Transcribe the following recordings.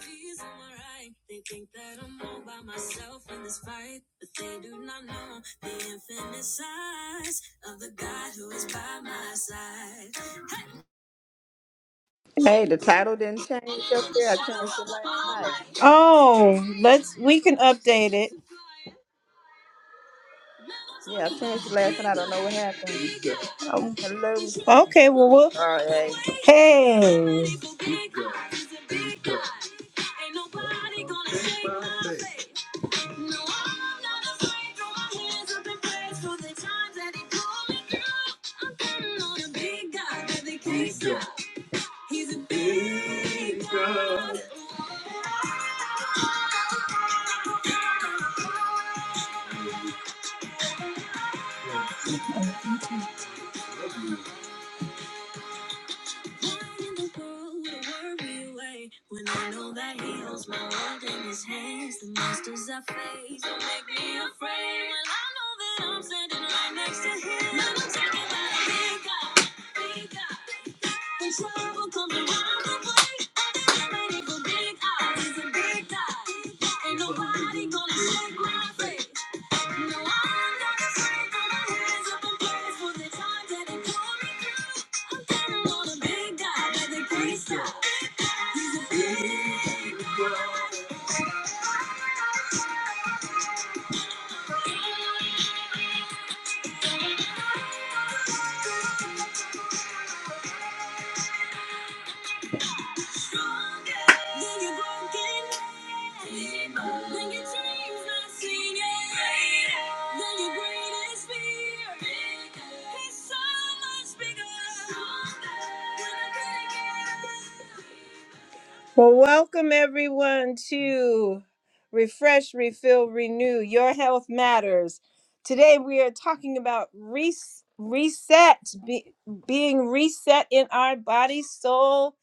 These are my right. They think that I'm all by myself in this fight, but they do not know the infinite size of the God who is by my side. Hey, the Standing title didn't change up in the there. I shadow changed of it the last night. Almighty. Oh, let's we can update it. Yeah, I changed it last night. I don't know what happened. Oh. Hello, Okay, Miss- well, uh, hey. we hey. What in the world would I worry away when I know that He holds my world in His hands? The monsters I face don't make me afraid. Well, I know that I'm standing right next to Him. And I'm talking about a big God, big God. When trouble comes around the way, I've been ready for big eyes, It's a big God. Ain't nobody gonna shake my faith. No, I'm not afraid. Throw my hands up and praise for the times that they pulled me through. I'm standing on a big guy that they can't stop. He's a big guy, stronger than your broken man. Than your dreams not seen yet. Greater than your greatest fear. Bigger. He's so much bigger. Stronger when I couldn't get up. Well, welcome everyone to Refresh, Refill, Renew Your Health Matters. Today we are talking about res- reset, be- being reset in our body, soul,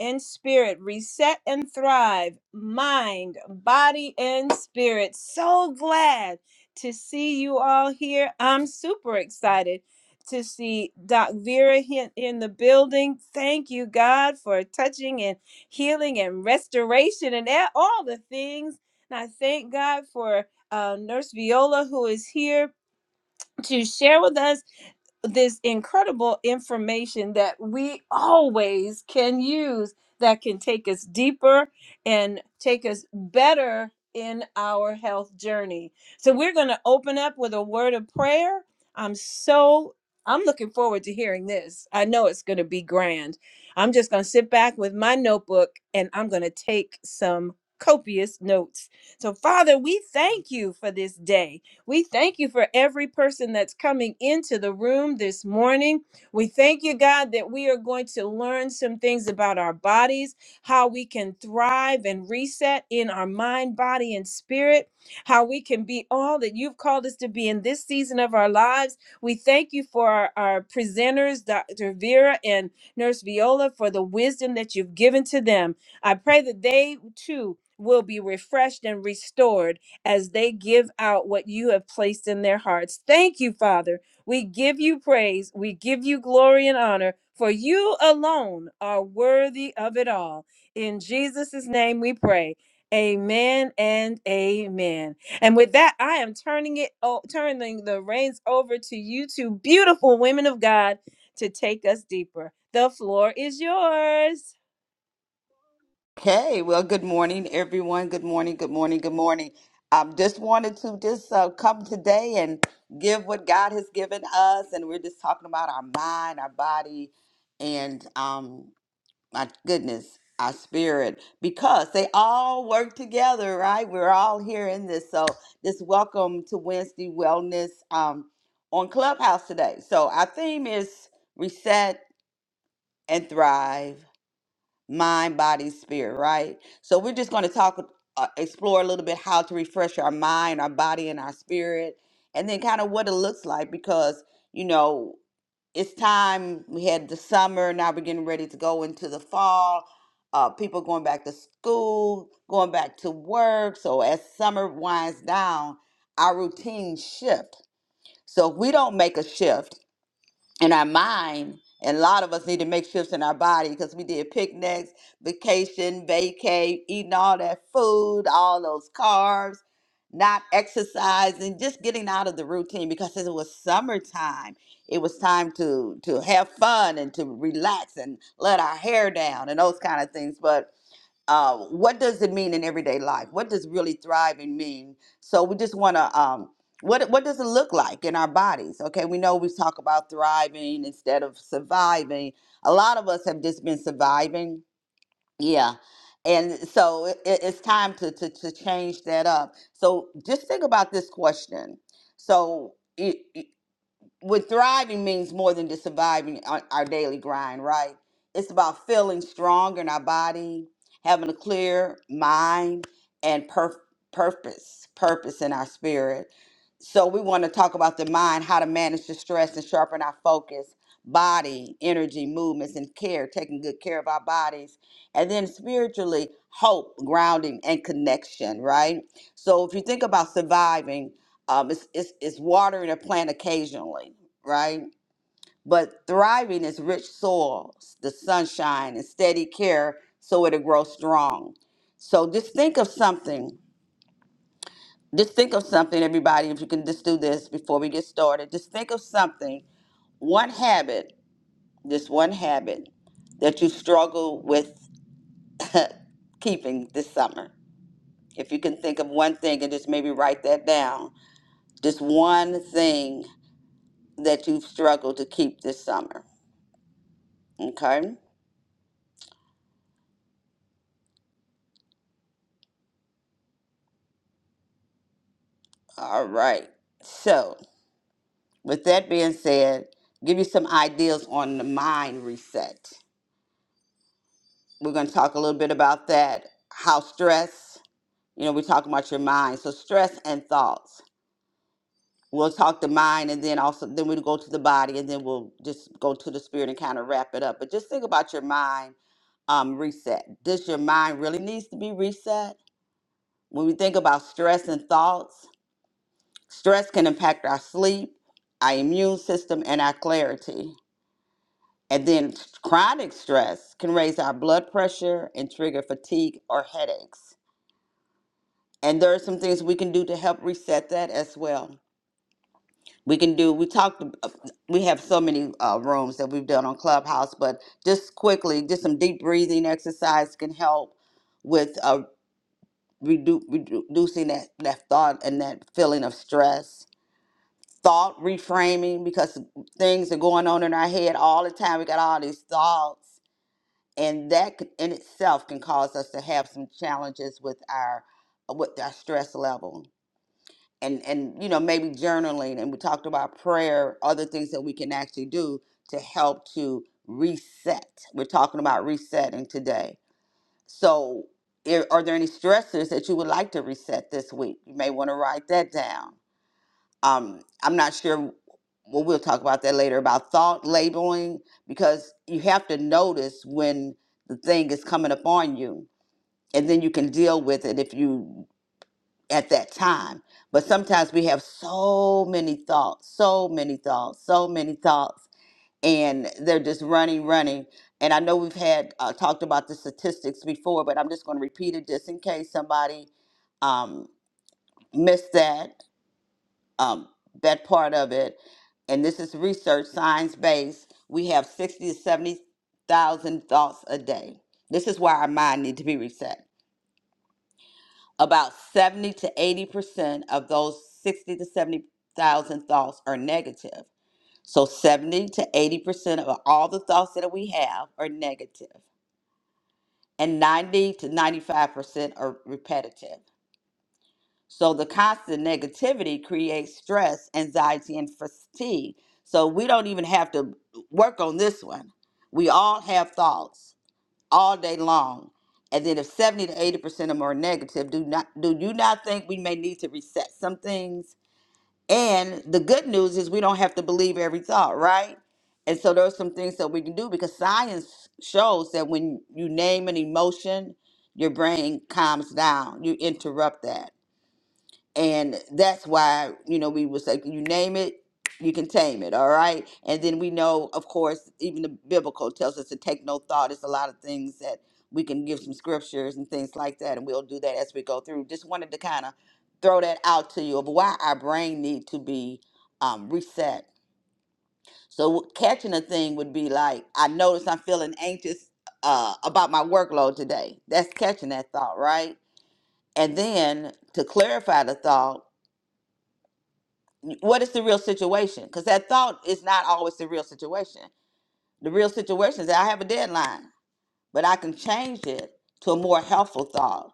and spirit. Reset and thrive, mind, body, and spirit. So glad to see you all here. I'm super excited to see Doc Vera here in the building. Thank you, God, for touching and healing and restoration and a- all the things. And I thank God for uh, Nurse Viola who is here to share with us this incredible information that we always can use that can take us deeper and take us better in our health journey. So we're going to open up with a word of prayer. I'm so I'm looking forward to hearing this. I know it's going to be grand. I'm just going to sit back with my notebook and I'm going to take some copious notes. So Father, we thank you for this day. We thank you for every person that's coming into the room this morning. We thank you, God, that we are going to learn some things about our bodies, how we can thrive and reset in our mind, body, and spirit, how we can be all that you've called us to be in this season of our lives. We thank you for our, our presenters, Dr. Vera and Nurse Viola, for the wisdom that you've given to them. I pray that they too will be refreshed and restored as they give out what you have placed in their hearts. Thank you, Father. We give you praise. We give you glory and honor, for you alone are worthy of it all. In Jesus' name we pray. Amen and amen. And with that, I am turning it o- turning the reins over to you two beautiful women of God to take us deeper. The floor is yours. Hey, well, good morning, everyone. Good morning, good morning, good morning. Um, just wanted to just uh, come today and give what God has given us, and we're just talking about our mind, our body, and um, my goodness, our spirit, because they all work together, right? We're all here in this. So, this welcome to Wednesday Wellness um, on Clubhouse today. So, our theme is reset and thrive, mind, body, spirit, right? So, we're just going to talk, uh, explore a little bit how to refresh our mind, our body, and our spirit, and then kind of what it looks like because, you know, it's time we had the summer now we're getting ready to go into the fall uh, people going back to school going back to work so as summer winds down our routine shift so if we don't make a shift in our mind. And a lot of us need to make shifts in our body because we did picnics, vacation, vacay, eating all that food, all those carbs, not exercising, just getting out of the routine because it was summertime. It was time to to have fun and to relax and let our hair down and those kind of things. But uh, what does it mean in everyday life? What does really thriving mean? So we just want to, um, what what does it look like in our bodies? Okay, we know we talk about thriving instead of surviving. A lot of us have just been surviving, yeah. And so it, it- it's time to, to to change that up. So just think about this question. So what thriving means more than just surviving on our daily grind, right? It's about feeling strong in our body, having a clear mind, and per- purpose, purpose in our spirit. So we want to talk about the mind, how to manage the stress and sharpen our focus, body, energy, movements, and care, taking good care of our bodies. And then spiritually, hope, grounding, and connection, right? So if you think about surviving, um, it's, it's, it's watering a plant occasionally, right? But thriving is rich soil, the sunshine, and steady care so it'll grow strong. So just think of something. Just think of something, everybody, if you can just do this before we get started. Just think of something, one habit, just one habit that you struggle with keeping this summer. If you can think of one thing and just maybe write that down. Just one thing that you've struggled to keep this summer. Okay? All right. So, with that being said, give you some ideas on the mind reset. We're going to talk a little bit about that, how stress, you know, we talk about your mind. So, stress and thoughts. We'll talk the mind and then also, then we'll go to the body and then we'll just go to the spirit and kind of wrap it up. But just think about your mind um, reset. Does your mind really needs to be reset? When we think about stress and thoughts, Stress can impact our sleep, our immune system, and our clarity. And then chronic stress can raise our blood pressure and trigger fatigue or headaches. And there are some things we can do to help reset that as well. We can do, we talked, uh, we have so many uh, rooms that we've done on Clubhouse, but just quickly, just some deep breathing exercise can help with uh, redu- redu- reducing that, that thought and that feeling of stress thought reframing because things are going on in our head all the time. We got all these thoughts, and that could- in itself can cause us to have some challenges with our uh, with our stress level. And and you know maybe journaling, and we talked about prayer, other things that we can actually do to help to reset. We're talking about resetting today. So, i- are there any stressors that you would like to reset this week? You may want to write that down um, I'm not sure. Well, we'll talk about that later about thought labeling because you have to notice when the thing is coming upon you, and then you can deal with it if you at that time. But sometimes we have so many thoughts, so many thoughts, so many thoughts, and they're just running, running. And I know we've had uh, talked about the statistics before, but I'm just going to repeat it just in case somebody um, missed that um, that part of it, and this is research, science based, we have 60 to 70,000 thoughts a day. This is why our mind need to be reset. About 70 to 80% of those 60 to 70,000 thoughts are negative. So 70 to 80% of all the thoughts that we have are negative, and 90 to 95% are repetitive. So the constant negativity creates stress, anxiety, and fatigue. So we don't even have to work on this one. We all have thoughts all day long. And then if 70 to 80 percent of them are negative, do not do you not think we may need to reset some things? And the good news is we don't have to believe every thought, right? And so there are some things that we can do because science shows that when you name an emotion, your brain calms down. You interrupt that. And that's why, you know, we was like, you name it, you can tame it, all right? And then we know, of course, even the biblical tells us to take no thought. It's a lot of things that we can give some scriptures and things like that, and we'll do that as we go through. Just wanted to kind of throw that out to you of why our brain need to be um, reset. So catching a thing would be like, I notice I'm feeling anxious uh, about my workload today. That's catching that thought, right? And then to clarify the thought, what is the real situation? Because that thought is not always the real situation. The real situation is that I have a deadline, but I can change it to a more helpful thought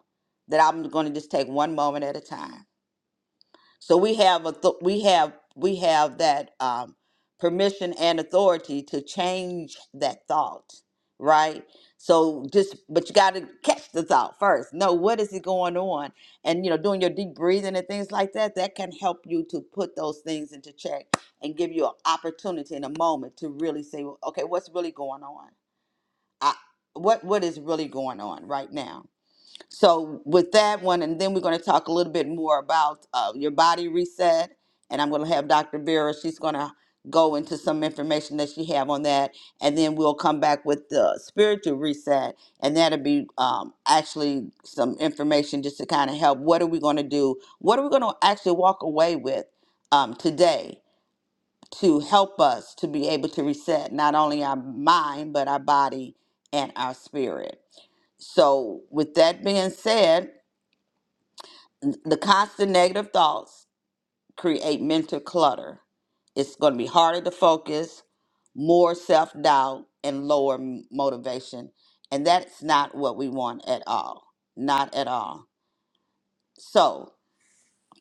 that I'm going to just take one moment at a time. So we have a we have we have that um, permission and authority to change that thought, right? So just but you got to catch the thought first. Know what is it going on, and you know doing your deep breathing and things like that. That can help you to put those things into check and give you an opportunity in a moment to really say, well, okay, what's really going on? I, what what is really going on right now? So with that one, and then we're going to talk a little bit more about uh, your body reset, and I'm going to have Dr. Vera. She's going to go into some information that she have on that, and then we'll come back with the spiritual reset, and that'll be um, actually some information just to kind of help. What are we going to do? What are we going to actually walk away with um, today? to help us to be able to reset not only our mind, but our body and our spirit. So, with that being said, n- the constant negative thoughts create mental clutter. It's going to be harder to focus, more self doubt, and lower m- motivation. And that's not what we want at all. Not at all. So,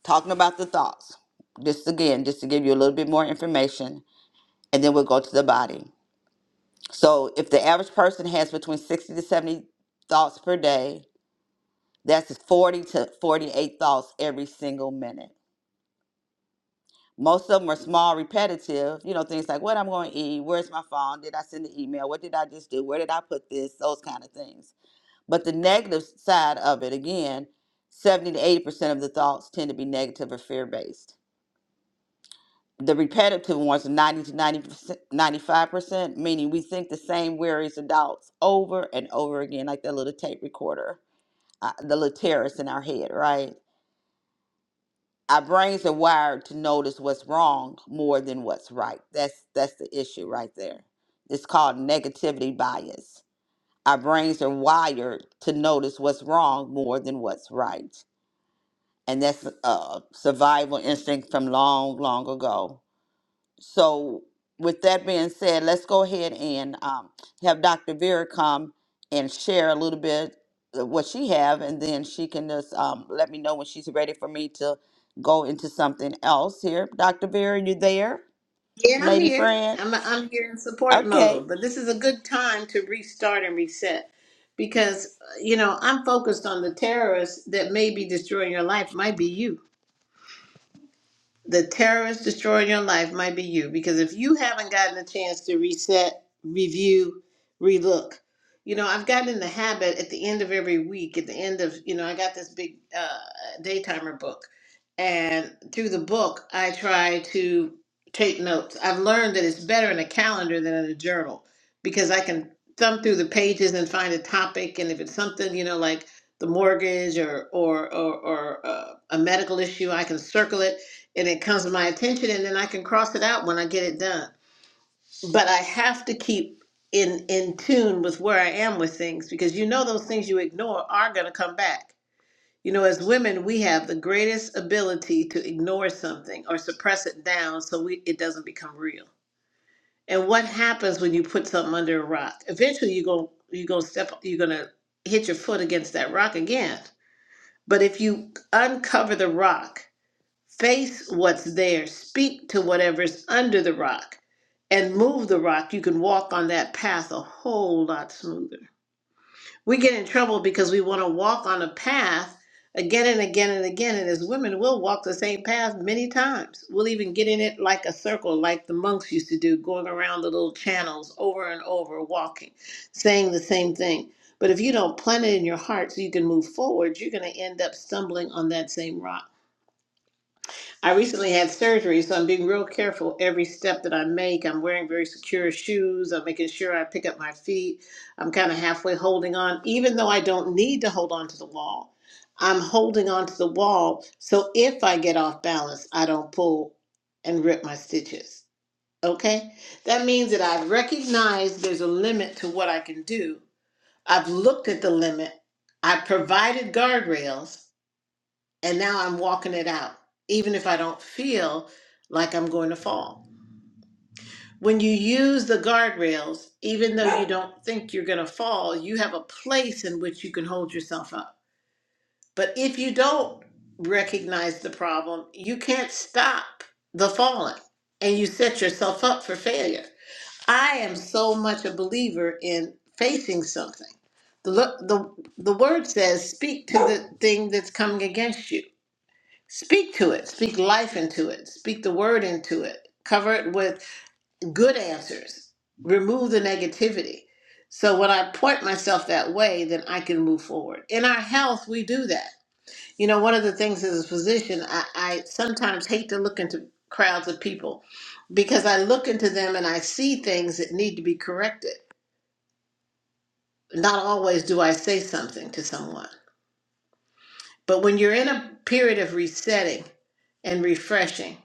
talking about the thoughts, just again, just to give you a little bit more information, and then we'll go to the body. So if the average person has between 60 to 70 thoughts per day, that's 40 to 48 thoughts every single minute. Most of them are small, repetitive, you know, things like what I'm going to eat, where's my phone, did I send the email, what did I just do, where did I put this, those kind of things. But the negative side of it, again, 70 to 80% of the thoughts tend to be negative or fear based. the repetitive ones are 90 to 90 95%, meaning we think the same worries adults over and over again, like that little tape recorder, uh, the little terrorist in our head, right? Our brains are wired to notice what's wrong more than what's right. That's that's the issue right there. It's called negativity bias. Our brains are wired to notice what's wrong more than what's right, and that's a survival instinct from long, long ago So, with that being said, let's go ahead and um, have Dr. Vera come and share a little bit of what she have, and then she can just um, let me know when she's ready for me to go into something else here. Dr. Vera, you there, Yeah, I'm lady here. friend? I'm I'm here in support Okay. mode, but this is a good time to restart and reset because uh, you know I'm focused on the terrorists that may be destroying your life. Might be you the terrorist destroying your life might be you because if you haven't gotten a chance to reset, review, relook, you know, I've gotten in the habit at the end of every week, at the end of, you know, I got this big uh, daytimer book. And through the book, I try to take notes. I've learned that it's better in a calendar than in a journal because I can thumb through the pages and find a topic. And if it's something, you know, like the mortgage or, or, or, or uh, a medical issue, I can circle it and it comes to my attention and then I can cross it out when I get it done. But I have to keep in in tune with where I am with things because you know those things you ignore are going to come back. You know, as women, we have the greatest ability to ignore something or suppress it down so we, it doesn't become real. And what happens when you put something under a rock? Eventually, you go you go step you're going to hit your foot against that rock again. But if you uncover the rock Face what's there, speak to whatever's under the rock, and move the rock. You can walk on that path a whole lot smoother. We get in trouble because we want to walk on a path again and again and again. And as women, we'll walk the same path many times. We'll even get in it like a circle, like the monks used to do, going around the little channels over and over, walking, saying the same thing. But if you don't plant it in your heart so you can move forward, you're going to end up stumbling on that same rock. I recently had surgery, so I'm being real careful every step that I make. I'm wearing very secure shoes. I'm making sure I pick up my feet. I'm kind of halfway holding on, even though I don't need to hold on to the wall. I'm holding on to the wall, so if I get off balance, I don't pull and rip my stitches. Okay? That means that I've recognized there's a limit to what I can do. I've looked at the limit. I've provided guardrails and now I'm walking it out, even if I don't feel like I'm going to fall. When you use the guardrails, even though you don't think you're going to fall, you have a place in which you can hold yourself up. But if you don't recognize the problem, you can't stop the falling and you set yourself up for failure. I am so much a believer in facing something. The, the, the word says, speak to the thing that's coming against you Speak to it. Speak life into it. Speak the word into it. Cover it with good answers. Remove the negativity. So when I point myself that way, then I can move forward. In our health, we do that. You know, one of the things as a physician, I, I sometimes hate to look into crowds of people because I look into them and I see things that need to be corrected. Not always do I say something to someone But when you're in a period of resetting and refreshing,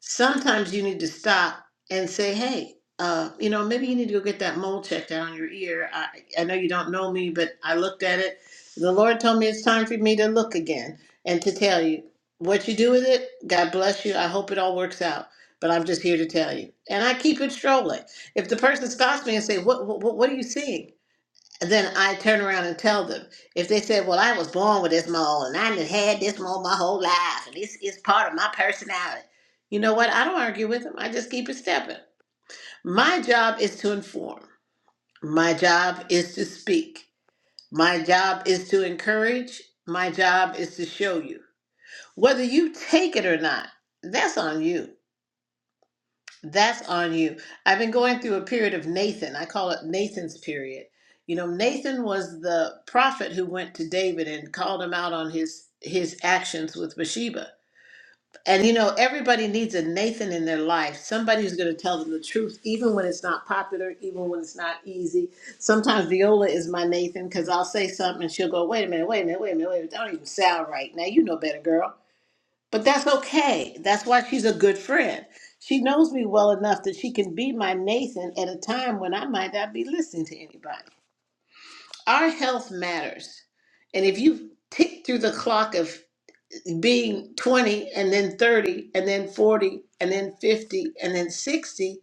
sometimes you need to stop and say, hey, uh, you know, maybe you need to go get that mole checked out on your ear. I, I know you don't know me, but I looked at it. The Lord told me it's time for me to look again and to tell you what you do with it. God bless you. I hope it all works out. But I'm just here to tell you, and I keep it strolling. If the person stops me and say, "What? What, what are you seeing?" then I turn around and tell them. If they say, "Well, I was born with this mole, and I done had this mole my whole life, and it's it's part of my personality," you know what? I don't argue with them. I just keep it stepping. My job is to inform. My job is to speak. My job is to encourage. My job is to show you. Whether you take it or not, that's on you. That's on you. I've been going through a period of Nathan. I call it Nathan's period. You know, Nathan was the prophet who went to David and called him out on his his actions with Bathsheba. And you know, everybody needs a Nathan in their life, somebody who's going to tell them the truth, even when it's not popular, even when it's not easy. Sometimes Viola is my Nathan because I'll say something and she'll go, "Wait a minute, wait a minute, wait a minute, wait a minute. That don't even sound right." Now you know better, girl but that's okay. That's why she's a good friend. She knows me well enough that she can be my Nathan at a time when I might not be listening to anybody. Our health matters. And if you tick through the clock of being 20 and then 30 and then 40 and then 50 and then 60,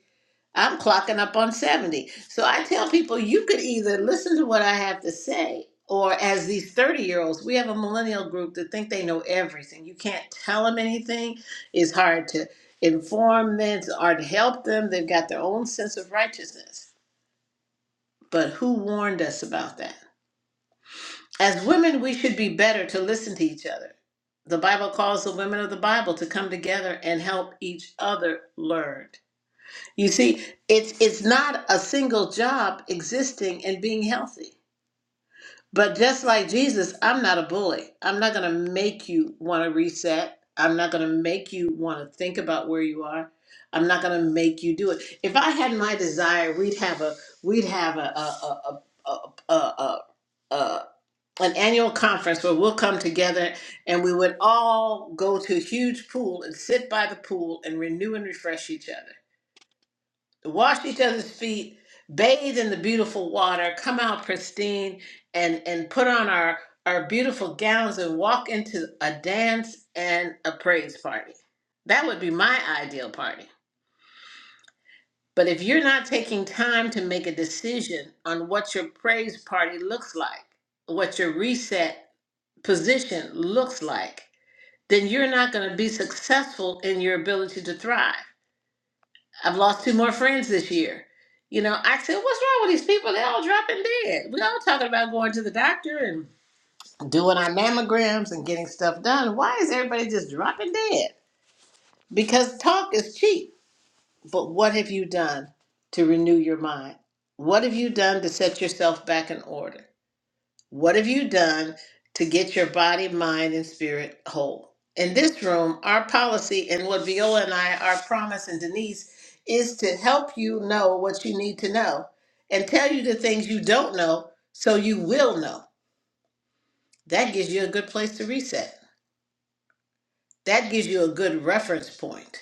I'm clocking up on 70. So I tell people you could either listen to what I have to say, or as these 30 year olds, we have a millennial group that think they know everything. You can't tell them anything, it's hard to inform them, it's hard to help them. They've got their own sense of righteousness. But who warned us about that? As women, we should be better to listen to each other. The Bible calls the women of the Bible to come together and help each other learn. You see, it's it's not a single job existing and being healthy. But just like Jesus, I'm not a bully. I'm not going to make you want to reset. I'm not going to make you want to think about where you are. I'm not going to make you do it. If I had my desire, we'd have a we'd have a a a a a, a, a, a an annual conference where we'll come together and we would all go to a huge pool and sit by the pool and renew and refresh each other wash each other's feet, bathe in the beautiful water, come out pristine, and and put on our our beautiful gowns and walk into a dance and a praise party. That would be my ideal party. But if you're not taking time to make a decision on what your praise party looks like, what your reset position looks like, then you're not going to be successful in your ability to thrive. I've lost two more friends this year. You know, I said, what's wrong with these people? They're all dropping dead. We're all talking about going to the doctor and doing our mammograms and getting stuff done. Why is everybody just dropping dead? Because talk is cheap. But what have you done to renew your mind? What have you done to set yourself back in order? What have you done to get your body, mind, and spirit whole? In this room, our policy and what Viola and I, our promise and Denise, is to help you know what you need to know and tell you the things you don't know so you will know. That gives you a good place to reset. That gives you a good reference point.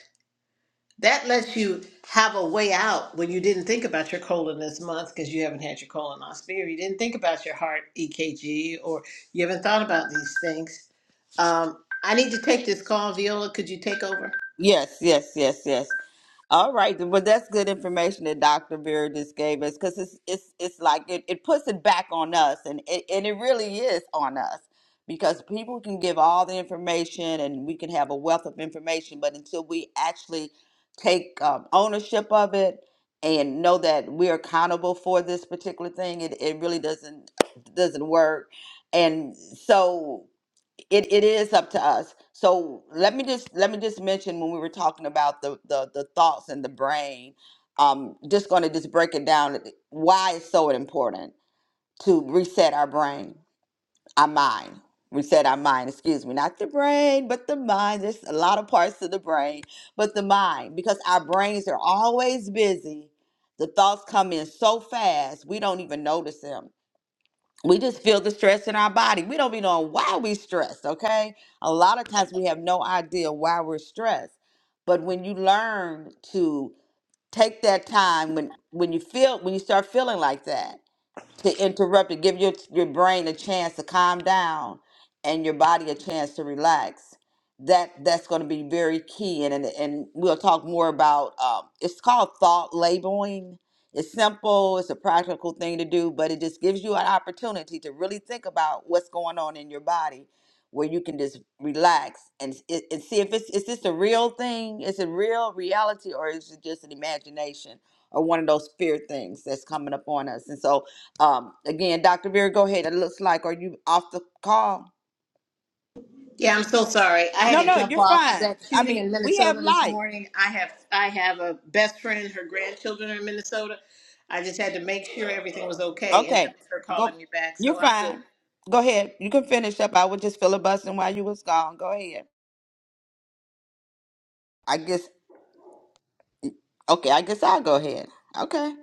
That lets you have a way out when you didn't think about your colon this month because you haven't had your colonoscopy or you didn't think about your heart EKG or you haven't thought about these things Um, I need to take this call, Viola. Could you take over? Yes, yes, yes, yes. All right, well, that's good information that Dr. Vera just gave us because it's it's it's like it, it puts it back on us, and it, and it really is on us because people can give all the information, and we can have a wealth of information, but until we actually take um, ownership of it and know that we're accountable for this particular thing, it, it really doesn't doesn't work, and so it, it is up to us so let me just let me just mention when we were talking about the the, the thoughts and the brain um just going to just break it down eh, why it's so important to reset our brain our mind reset our mind excuse me not the brain but the mind there's a lot of parts of the brain but the mind because our brains are always busy the thoughts come in so fast we don't even notice them we just feel the stress in our body. We don't be knowing why we stressed, okay? A lot of times we have no idea why we're stressed. But when you learn to take that time when when you feel when you start feeling like that to interrupt it, give your your brain a chance to calm down and your body a chance to relax. That that's going to be very key, and and, and we'll talk more about. Um, it's called thought labeling. It's simple. It's a practical thing to do, but it just gives you an opportunity to really think about what's going on in your body, where you can just relax and, s- and and see if it's is this a real thing? Is it real reality, or is it just an imagination or one of those fear things that's coming up on us? And so um, again, Dr. Vera, go ahead. It looks like, are you off the call? Yeah, I'm so sorry. I had No, to no, jump you're off fine. that I shooting mean, in we have Minnesota this life. morning. I have I have a best friend. Her grandchildren are in Minnesota. I just had to make sure everything was okay, and that Okay, was her go. calling me back. You're So I'm good. fine. Go ahead. You can finish up. I was just filibustering while you was gone. Go ahead. I guess. Okay, I guess I'll go ahead. Okay.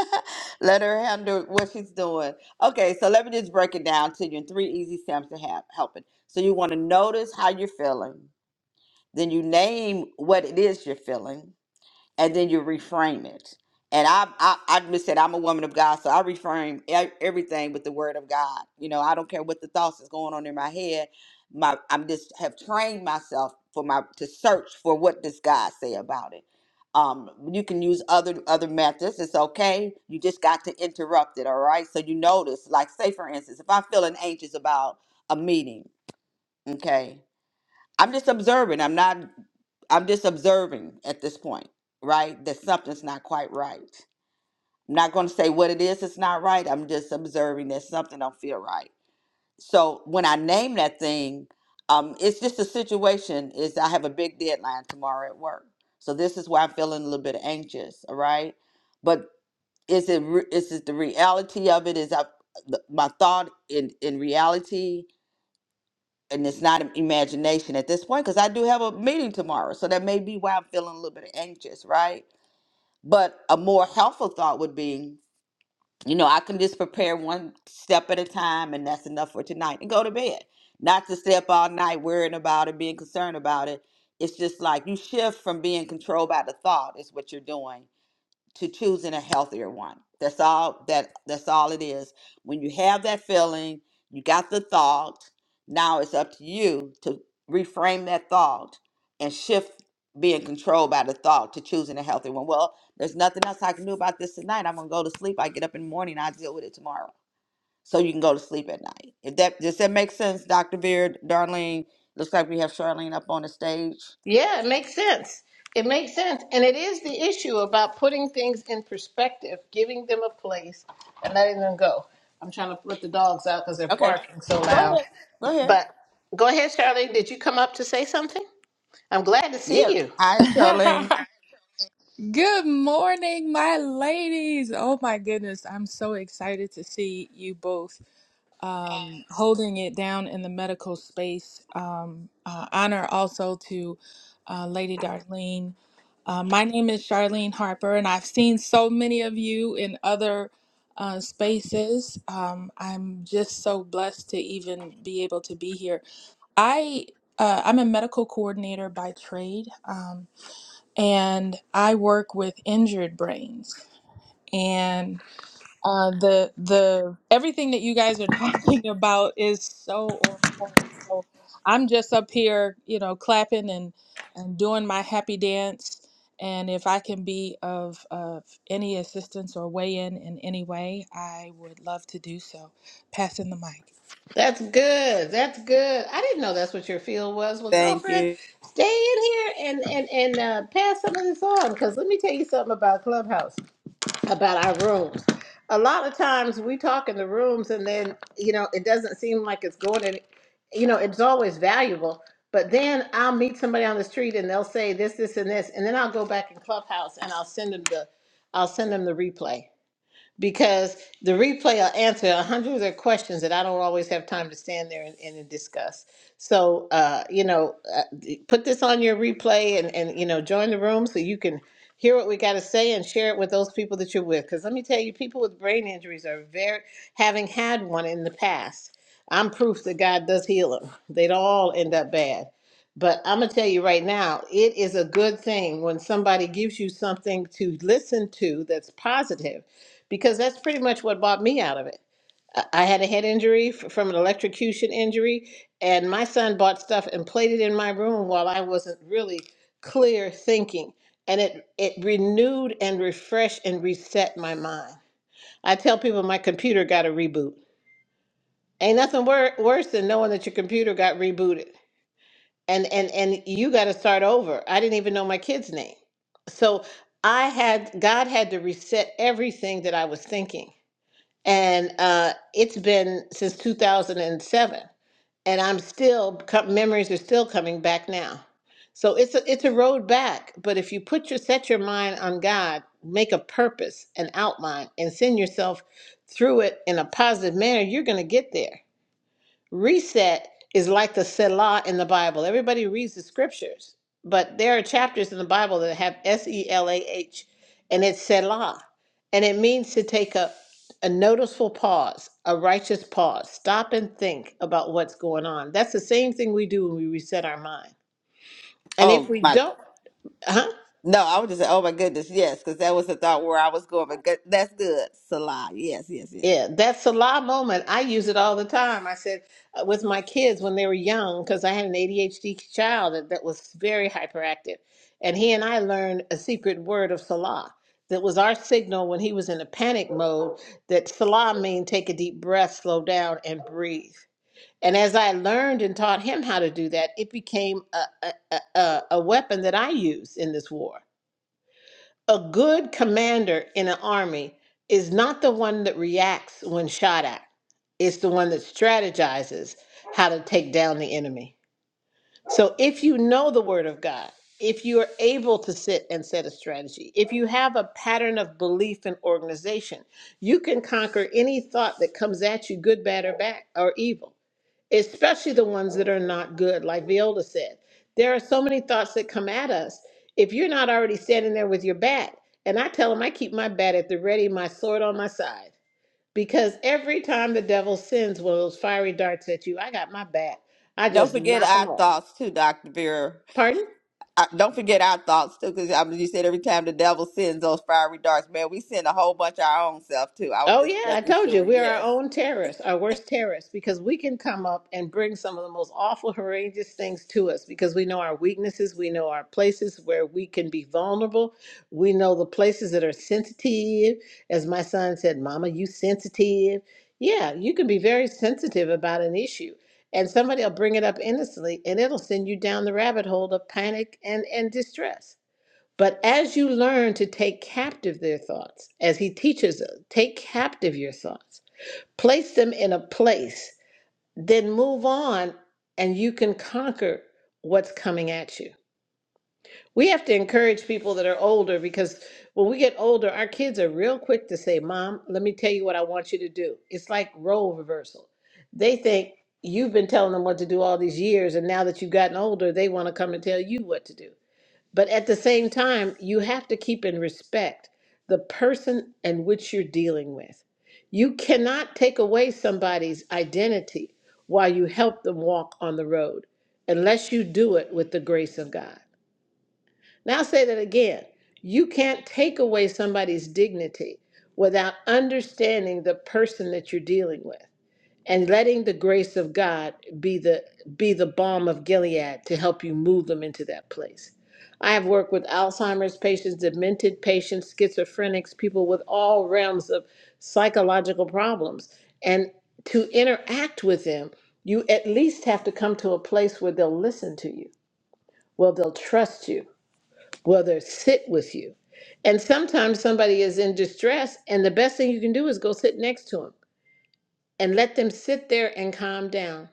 let her handle what she's doing. Okay, so let me just break it down to you in three easy steps to have helping. So you want to notice how you're feeling. Then you name what it is you're feeling. and then you reframe it. And I, I, I just said I'm a woman of God, so I reframe e- everything with the Word of God. You know, I don't care what the thoughts is going on in my head. My, I'm just have trained myself for my to search for what does God say about it. Um, you can use other other methods. It's okay. You just got to interrupt it. All right. So you notice, like, say for instance, if I'm feeling anxious about a meeting, okay, I'm just observing. I'm not I'm just observing at this point, right? That something's not quite right. I'm not going to say what it is It's not right. I'm just observing that something don't feel right. So when I name that thing, um, it's just a situation is I have a big deadline tomorrow at work. So this is why I'm feeling a little bit anxious, all right? But is it re- is it the reality of it? Is I, the, my thought in in reality? and it's not im- imagination at this point because I do have a meeting tomorrow. So that may be why I'm feeling a little bit anxious, right? But a more helpful thought would be, you know, I can just prepare one step at a time and that's enough for tonight and go to bed. Not to stay up all night worrying about it, being concerned about it. It's just like you shift from being controlled by the thought, is what you're doing, to choosing a healthier one. That's all that that's all it is. When you have that feeling, you got the thought, now it's up to you to reframe that thought and shift being controlled by the thought to choosing a healthy one. Well, there's nothing else I can do about this tonight. I'm gonna go to sleep. I get up in the morning, I deal with it tomorrow. So you can go to sleep at night. If that does that make sense, Dr. Beard, Darlene? Looks like we have Charlene up on the stage. Yeah, it makes sense. It makes sense, and it is the issue about putting things in perspective, giving them a place, and letting them go. I'm trying to let the dogs out because they're Okay. barking so Go loud. ahead. Go ahead. But go ahead, Charlie. Did you come up to say something? I'm glad to Yeah. see you. Hi, Charlene. Good morning, my ladies. Oh my goodness, I'm so excited to see you both um, holding it down in the medical space. Um, uh, honor also to uh, Lady Darlene. Uh, my name is Charlene Harper, and I've seen so many of you in other uh, spaces. Um, I'm just so blessed to even be able to be here. I uh, I'm a medical coordinator by trade. Um, and I work with injured brains. And uh, the the everything that you guys are talking about is so on point. So I'm just up here, you know, clapping and and doing my happy dance. And if I can be of of any assistance or weigh in in any way, I would love to do so. Passing the mic. That's good. That's good. I didn't know that's what your field was. Well, Thank girlfriend, you. stay in here and and and uh, pass some of this on because let me tell you something about Clubhouse, about our rooms. A lot of times we talk in the rooms and then you know it doesn't seem like it's going to, you know, it's always valuable. But then I'll meet somebody on the street and they'll say this, this, and this, and then I'll go back in Clubhouse and I'll send them the, I'll send them the replay because the replay will answer a hundred of questions that I don't always have time to stand there and, and discuss. So, uh, you know, uh, put this on your replay and, and, you know, join the room so you can hear what we got to say and share it with those people that you're with. Because let me tell you, people with brain injuries are very, having had one in the past, I'm proof that God does heal them. They'd all end up bad. But I'm going to tell you right now, it is a good thing when somebody gives you something to listen to that's positive because that's pretty much what bought me out of it. I I had a head injury f- from an electrocution injury, and my son bought stuff and played it in my room while I wasn't really clear thinking. And it, it renewed and refreshed and reset my mind. I tell people my computer got a reboot. Ain't nothing wor- worse than knowing that your computer got rebooted and, and, and you got to start over. I didn't even know my kid's name. So I had, God had to reset everything that I was thinking and uh, it's been since 2007 and seven, and i'm still co- memories are still coming back now so it's a, it's a road back but if you put your set your mind on god make a purpose an outline and send yourself through it in a positive manner you're going to get there Reset is like the Selah in the Bible. Everybody reads the scriptures, but there are chapters in the Bible that have S E L A H, and it's Selah. And it means to take a, a noticeable pause, a righteous pause, stop and think about what's going on. That's the same thing we do when we reset our mind. And if Oh we my don't, huh? no, I was just saying, oh my goodness, yes, because that was the thought where I was going, but good, that's good, Salah. Yes, yes, yes. Yeah, that Salah moment, I use it all the time. I said uh, with my kids when they were young, because I had an ADHD child that, that was very hyperactive. And he and I learned a secret word of Salah that was our signal when he was in a panic mode that Salah mean take a deep breath, slow down, and breathe. And as I learned and taught him how to do that, it became a, a, a, a a weapon that I use in this war. A good commander in an army is not the one that reacts when shot at, it's the one that strategizes how to take down the enemy. So if you know the word of God, if you are able to sit and set a strategy, if you have a pattern of belief and organization, you can conquer any thought that comes at you, good, bad, or bad, or evil especially the ones that are not good, like Viola said. There are so many thoughts that come at us. If you're not already standing there with your bat, and I tell them I keep my bat at the ready, my sword on my side, because every time the devil sends one of those fiery darts at you, I got my bat. I Don't just forget knock our them off. thoughts too, Doctor Vera. Pardon? I, don't forget our thoughts too, because I mean, you said every time the devil sends those fiery darts, man, we send a whole bunch of our own self too. I was Oh just yeah, I making told you sure. we're our Yes, own terrorists, our worst terrorists, because we can come up and bring some of the most awful, horrendous things to us because we know our weaknesses, we know our places where we can be vulnerable, we know the places that are sensitive. As my son said, "Mama, you sensitive." Yeah, you can be very sensitive about an issue, and somebody will bring it up innocently, and it'll send you down the rabbit hole of panic and and distress. But as you learn to take captive their thoughts, as he teaches us, take captive your thoughts, place them in a place, then move on, and you can conquer what's coming at you. We have to encourage people that are older because when we get older, our kids are real quick to say, Mom, let me tell you what I want you to do. It's like role reversal. They think you've been telling them what to do all these years, and now that you've gotten older, they want to come and tell you what to do. But at the same time, you have to keep in respect the person and which you're dealing with. You cannot take away somebody's identity while you help them walk on the road unless you do it with the grace of God. Now, I'll say that again. You can't take away somebody's dignity without understanding the person that you're dealing with and letting the grace of God be the be the balm of Gilead to help you move them into that place. I have worked with Alzheimer's patients, demented patients, schizophrenics, people with all realms of psychological problems. And to interact with them, you at least have to come to a place where they'll listen to you, where they'll trust you, where they'll sit with you. And sometimes somebody is in distress, and the best thing you can do is go sit next to them and let them sit there and calm down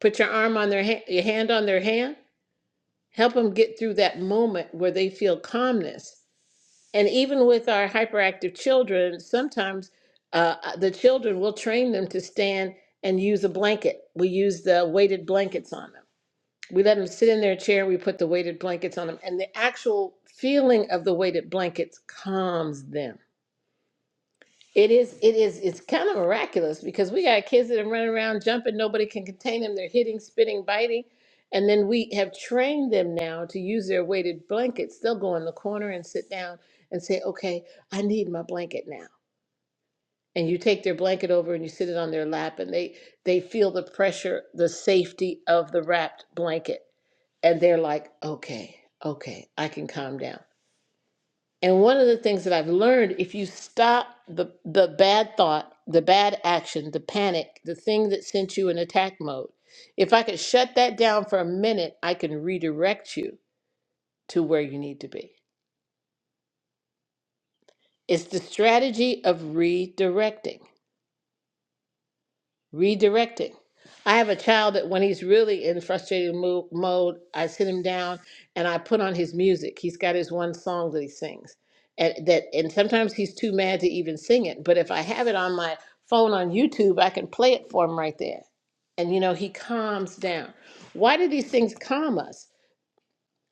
put your arm on their hand, your hand on their hand, help them get through that moment where they feel calmness. And even with our hyperactive children, sometimes uh, uh, the children will train them to stand and use a blanket. We use the weighted blankets on them. We let them sit in their chair, we put the weighted blankets on them, and the actual feeling of the weighted blankets calms them. It is, it is, it's kind of miraculous because we got kids that are running around jumping, nobody can contain them. They're hitting, spitting, biting. And then we have trained them now to use their weighted blankets. They'll go in the corner and sit down and say, Okay, I need my blanket now. And you take their blanket over and you sit it on their lap and they they feel the pressure, the safety of the wrapped blanket. And they're like, Okay, okay, I can calm down. And one of the things that I've learned, if you stop the the bad thought, the bad action, the panic, the thing that sent you in attack mode, if I could shut that down for a minute, I can redirect you to where you need to be. It's the strategy of redirecting. Redirecting. I have a child that when he's really in frustrated mo- mode, I sit him down and I put on his music. He's got his one song that he sings, and that and sometimes he's too mad to even sing it. But if I have it on my phone on YouTube, I can play it for him right there, and you know he calms down. Why do these things calm us?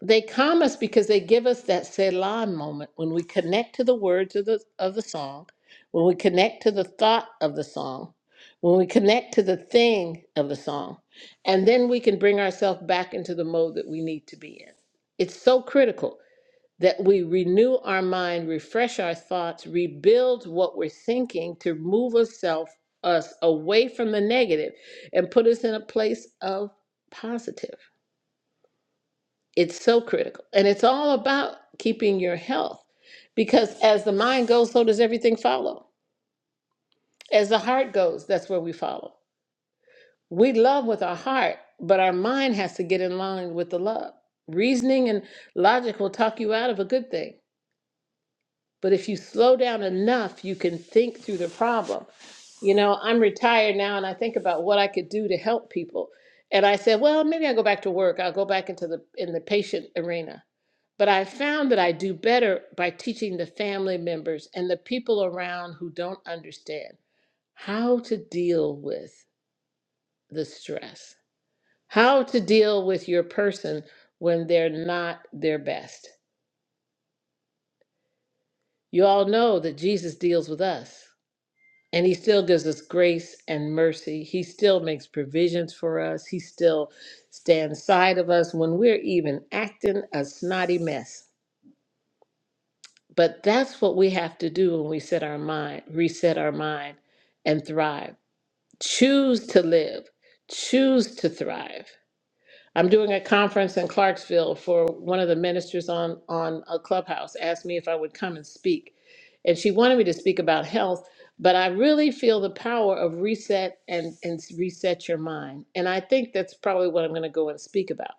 They calm us because they give us that Selah moment when we connect to the words of the, of the song, when we connect to the thought of the song, when we connect to the thing of the song, and then we can bring ourselves back into the mode that we need to be in. It's so critical that we renew our mind, refresh our thoughts, rebuild what we're thinking to move ourselves us away from the negative and put us in a place of positive. It's so critical. And it's all about keeping your health because as the mind goes, so does everything follow. As the heart goes, that's where we follow. We love with our heart, but our mind has to get in line with the love. Reasoning and logic will talk you out of a good thing. But if you slow down enough, you can think through the problem. You know, I'm retired now and I think about what I could do to help people. And I said, well, maybe I'll go back to work. I'll go back into the in the patient arena. But I found that I do better by teaching the family members and the people around who don't understand how to deal with the stress, how to deal with your person when they're not their best. You all know that Jesus deals with us and he still gives us grace and mercy. He still makes provisions for us. He still stands side of us when we're even acting a snotty mess. But that's what we have to do when we set our mind, reset our mind, and thrive. Choose to live, choose to thrive. I'm doing a conference in Clarksville for one of the ministers on, on a clubhouse, asked me if I would come and speak. And she wanted me to speak about health, but I really feel the power of reset and, and reset your mind. And I think that's probably what I'm going to go and speak about.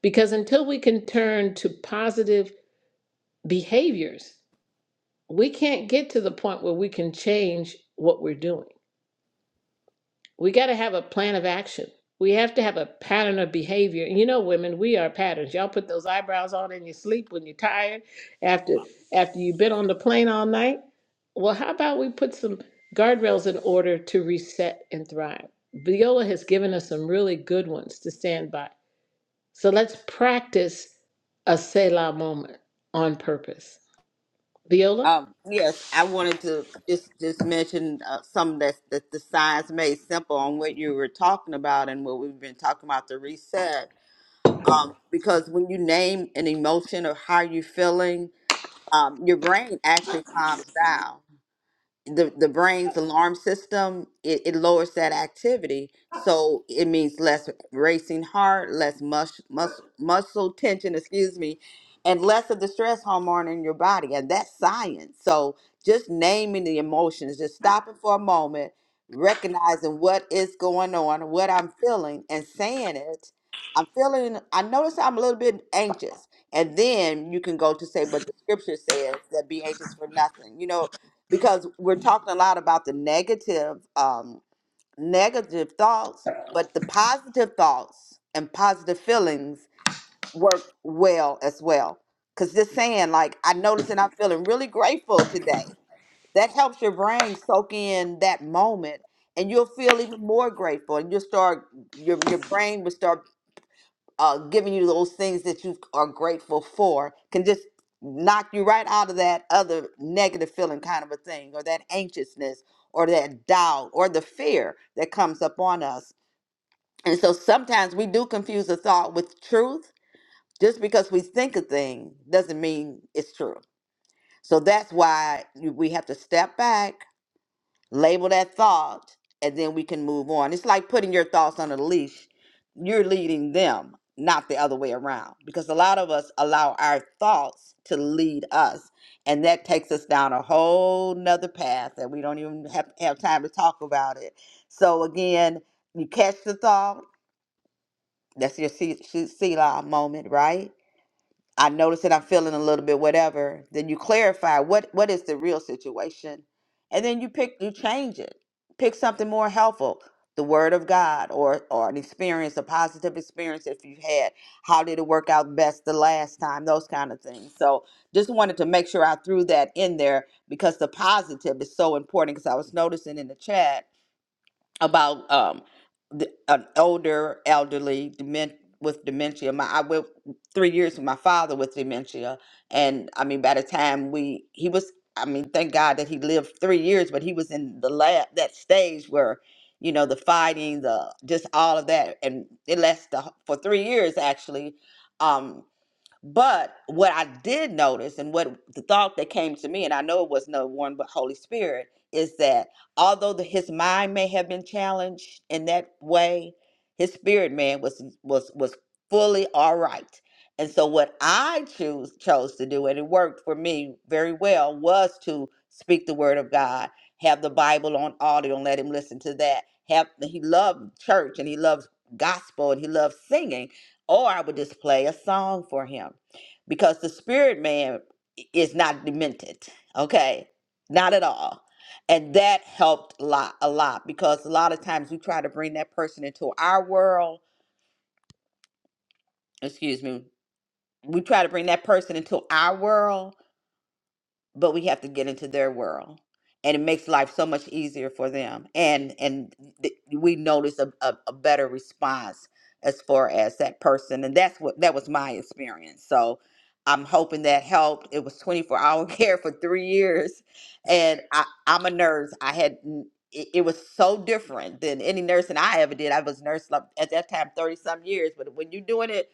Because until we can turn to positive behaviors, we can't get to the point where we can change what we're doing. We got to have a plan of action. We have to have a pattern of behavior. And you know, women, we are patterns. Y'all put those eyebrows on in your sleep when you're tired after after you've been on the plane all night. Well, how about we put some guardrails in order to reset and thrive? Viola has given us some really good ones to stand by. So let's practice a Selah moment on purpose. Viola? um, yes. I wanted to just just mention uh, some that that the science made simple on what you were talking about and what we've been talking about the reset um, because when you name an emotion or how you're feeling, um, your brain actually calms down the the brain's alarm system it, it lowers that activity so it means less racing heart less mus- mus- muscle tension excuse me and less of the stress hormone in your body and that's science so just naming the emotions just stopping for a moment recognizing what is going on what i'm feeling and saying it i'm feeling i notice i'm a little bit anxious and then you can go to say but the scripture says that be anxious for nothing you know because we're talking a lot about the negative um negative thoughts but the positive thoughts and positive feelings work well as well because just saying like i noticed and i'm feeling really grateful today that helps your brain soak in that moment and you'll feel even more grateful and you'll start your, your brain will start uh, giving you those things that you are grateful for can just knock you right out of that other negative feeling kind of a thing or that anxiousness or that doubt or the fear that comes up on us and so sometimes we do confuse a thought with truth just because we think a thing doesn't mean it's true so that's why you- we have to step back label that thought and then we can move on it's like putting your thoughts on a leash you're leading them not the other way around because a lot of us allow our thoughts to lead us and that takes us down a whole nother path that we don't even have, have time to talk about it so again you catch the thought that's your Se- Se- selah moment right I notice that I'm feeling a little bit whatever. Then you clarify what what is the real situation, and then you pick you change it. Pick something more helpful, the Word of God, or or an experience, a positive experience if you've had. How did it work out best the last time? Those kind of things. So just wanted to make sure I threw that in there because the positive is so important. Because I was noticing in the chat about um the, an older elderly dement with dementia. My I went three years with my father with dementia, and I mean by the time we he was I mean thank God that he lived three years, but he was in the lab that stage where you know the fighting, the just all of that, and it lasted the wh- for three years actually. Um, but what I did notice and what the thought that came to me, and I know it was no one but Holy Spirit, is that although the, his mind may have been challenged in that way, his spirit man was was was fully all right. And so what I choose chose to do, and it worked for me very well, was to speak the word of God, have the Bible on audio and let him listen to that. Have he loved church and he loves gospel and he loves singing or I would just play a song for him because the spirit man is not demented. Okay. Not at all. And that helped a lot, a lot because a lot of times we try to bring that person into our world. Excuse me. We try to bring that person into our world but we have to get into their world and it makes life so much easier for them and and th- we notice a, a, a better response as far as that person and that's what that was my experience so i'm hoping that helped it was 24 hour care for three years and I, i'm a nurse i had n- it, it was so different than any nursing i ever did i was nurse like, at that time 30 some years but when you're doing it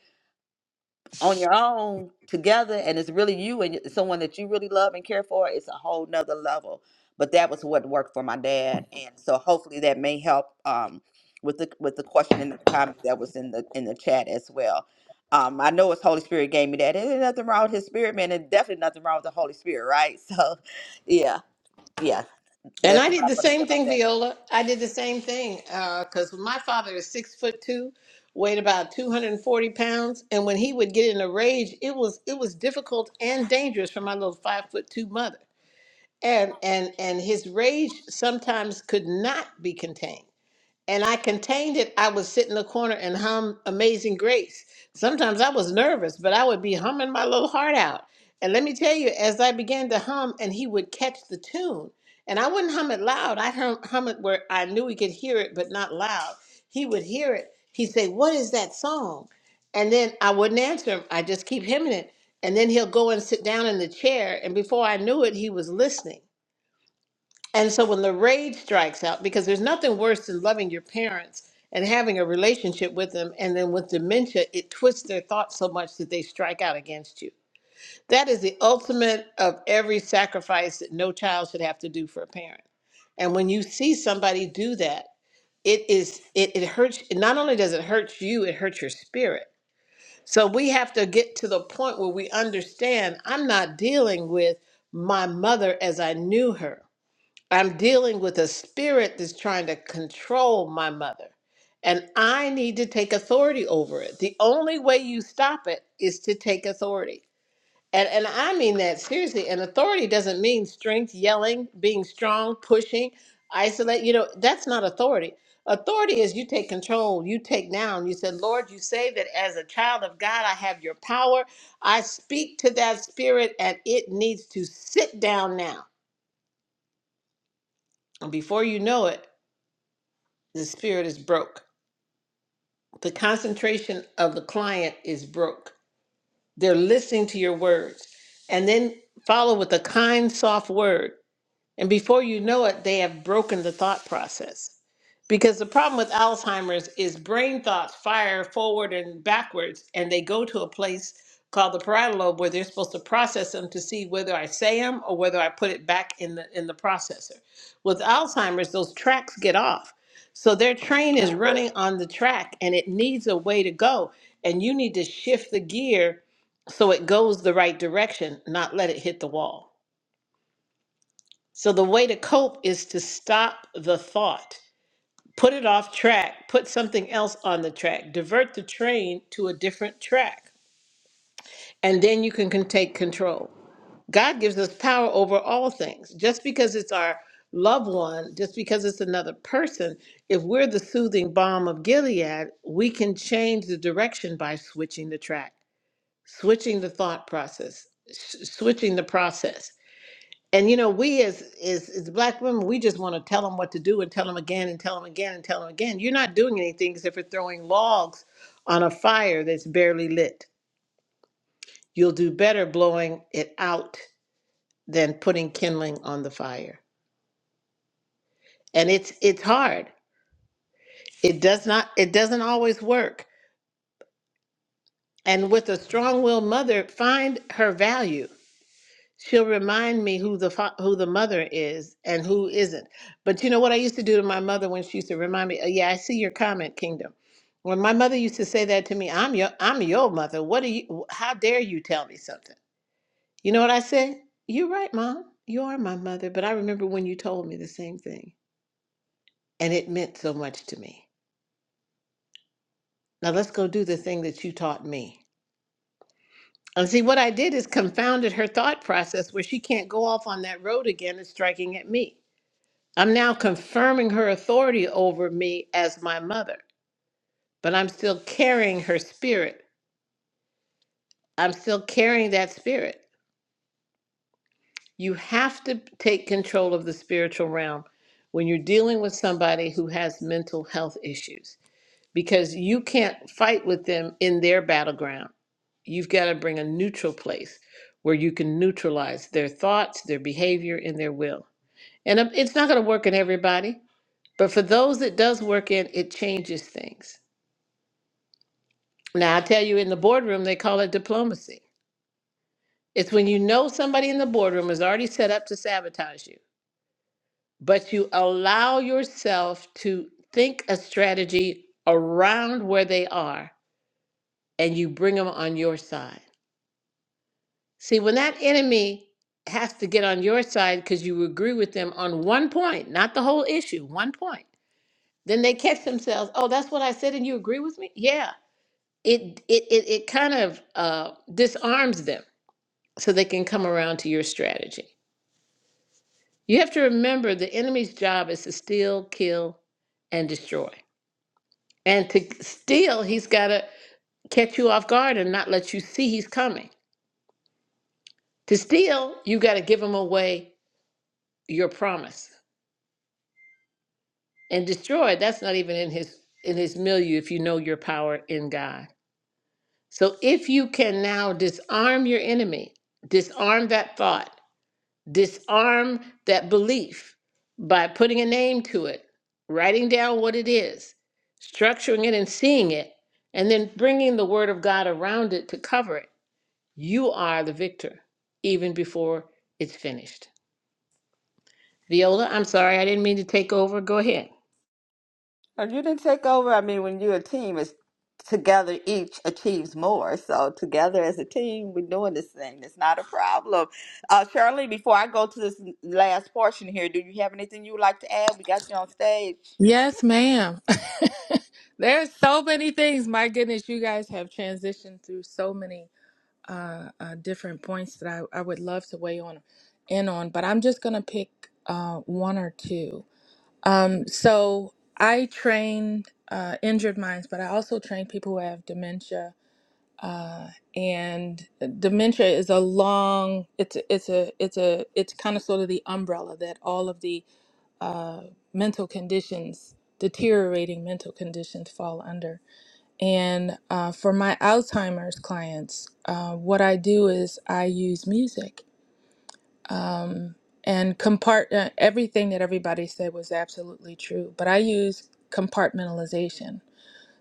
on your own together and it's really you and someone that you really love and care for it's a whole nother level but that was what worked for my dad and so hopefully that may help um, with the with the question and the comment that was in the in the chat as well um, I know it's Holy Spirit gave me that. There's nothing wrong with His Spirit, man. There's definitely nothing wrong with the Holy Spirit, right? So, yeah, yeah, And that's I what did I'm the gonna say same about thing, that. Viola. I did the same thing because my father is six foot two, weighed about two hundred and forty pounds, and when he would get in a rage, it was it was difficult and dangerous for my little five foot two mother. And and and his rage sometimes could not be contained and I contained it, I would sit in the corner and hum Amazing Grace. Sometimes I was nervous, but I would be humming my little heart out. And let me tell you, as I began to hum, and he would catch the tune. And I wouldn't hum it loud. I'd hum, hum it where I knew he could hear it, but not loud. He would hear it. He'd say, What is that song? And then I wouldn't answer him. I just keep hemming it. And then he'll go and sit down in the chair. And before I knew it, he was listening. And so when the rage strikes out, because there's nothing worse than loving your parents and having a relationship with them, and then with dementia, it twists their thoughts so much that they strike out against you. That is the ultimate of every sacrifice that no child should have to do for a parent. And when you see somebody do that, it is it, it hurts not only does it hurt you, it hurts your spirit. So we have to get to the point where we understand I'm not dealing with my mother as I knew her. I'm dealing with a spirit that's trying to control my mother. And I need to take authority over it. The only way you stop it is to take authority. And, and I mean that seriously. And authority doesn't mean strength, yelling, being strong, pushing, isolate. You know, that's not authority. Authority is you take control, you take down. You said, Lord, you say that as a child of God, I have your power. I speak to that spirit and it needs to sit down now. And before you know it, The spirit is broke. The concentration of the client is broke. They're listening to your words. And then follow with a kind, soft word. And before you know it, they have broken the thought process. Because the problem with Alzheimer's is brain thoughts fire forward and backwards, and they go to a place called the parietal lobe where they're supposed to process them to see whether I say them or whether I put it back in the in the processor. With Alzheimer's, those tracks get off. So their train is running on the track and it needs a way to go. And you need to shift the gear so it goes the right direction, not let it hit the wall. So the way to cope is to stop the thought, put it off track, put something else on the track, divert the train to a different track, and then you can, can take control. God gives us power over all things. Just because it's our loved one, just because it's another person, if we're the soothing balm of Gilead, we can change the direction by switching the track, switching the thought process, s- switching the process and you know we as as, as black women we just want to tell them what to do and tell them again and tell them again and tell them again you're not doing anything except for throwing logs on a fire that's barely lit you'll do better blowing it out than putting kindling on the fire and it's it's hard it does not it doesn't always work and with a strong-willed mother find her value She'll remind me who the fa- who the mother is and who isn't. But you know what I used to do to my mother when she used to remind me, oh, "Yeah, I see your comment, Kingdom." When my mother used to say that to me, "I'm your I'm your mother. What do you? How dare you tell me something?" You know what I said? You're right, Mom. You are my mother. But I remember when you told me the same thing, and it meant so much to me. Now let's go do the thing that you taught me. And see, what I did is confounded her thought process where she can't go off on that road again and striking at me. I'm now confirming her authority over me as my mother, but I'm still carrying her spirit. I'm still carrying that spirit. You have to take control of the spiritual realm when you're dealing with somebody who has mental health issues because you can't fight with them in their battleground. You've got to bring a neutral place where you can neutralize their thoughts, their behavior, and their will. And um, it's not going to work in everybody, but for those it does work in, it changes things Now, I tell you, in the boardroom, they call it diplomacy. It's when you know somebody in the boardroom is already set up to sabotage you, but you allow yourself to think a strategy around where they are and you bring them on your side. See, when that enemy has to get on your side because you agree with them on one point, not the whole issue, one point, then they catch themselves, oh, that's what I said and you agree with me? Yeah. It it it, it kind of uh, disarms them so they can come around to your strategy. You have to remember the enemy's job is to steal, kill, and destroy. And to steal, he's got to catch you off guard and not let you see he's coming. To steal, you got to give him away your promise. And destroy, that's not even in his in his milieu if you know your power in God. So if you can now disarm your enemy, disarm that thought disarm that belief by putting a name to it, writing down what it is, structuring it and seeing it, and then bringing the word of God around it to cover it. You are the victor even before it's finished. Viola, I'm sorry, I didn't mean to take over. Go ahead. Oh, You didn't take over. I mean, when you're a team, it's together each achieves more. So together as a team, we're doing this thing. It's not a problem. Uh, Shirley, before I go to this last portion here, do you have anything you would like to add? We got you on stage. Yes, ma'am. There's so many things. My goodness, you guys have transitioned through so many uh, uh, different points that I, I would love to weigh on in on, but I'm just gonna pick uh, one or two. Um, so I train uh, injured minds, but I also train people who have dementia. Uh, and dementia is a long it's a- it's a it's a it's kind of sort of the umbrella that all of the uh, mental conditions deteriorating mental conditions fall under and uh, for my Alzheimer's clients, uh, what I do is I use music. Um, and compart uh, everything that everybody said was absolutely true, but I use compartmentalization.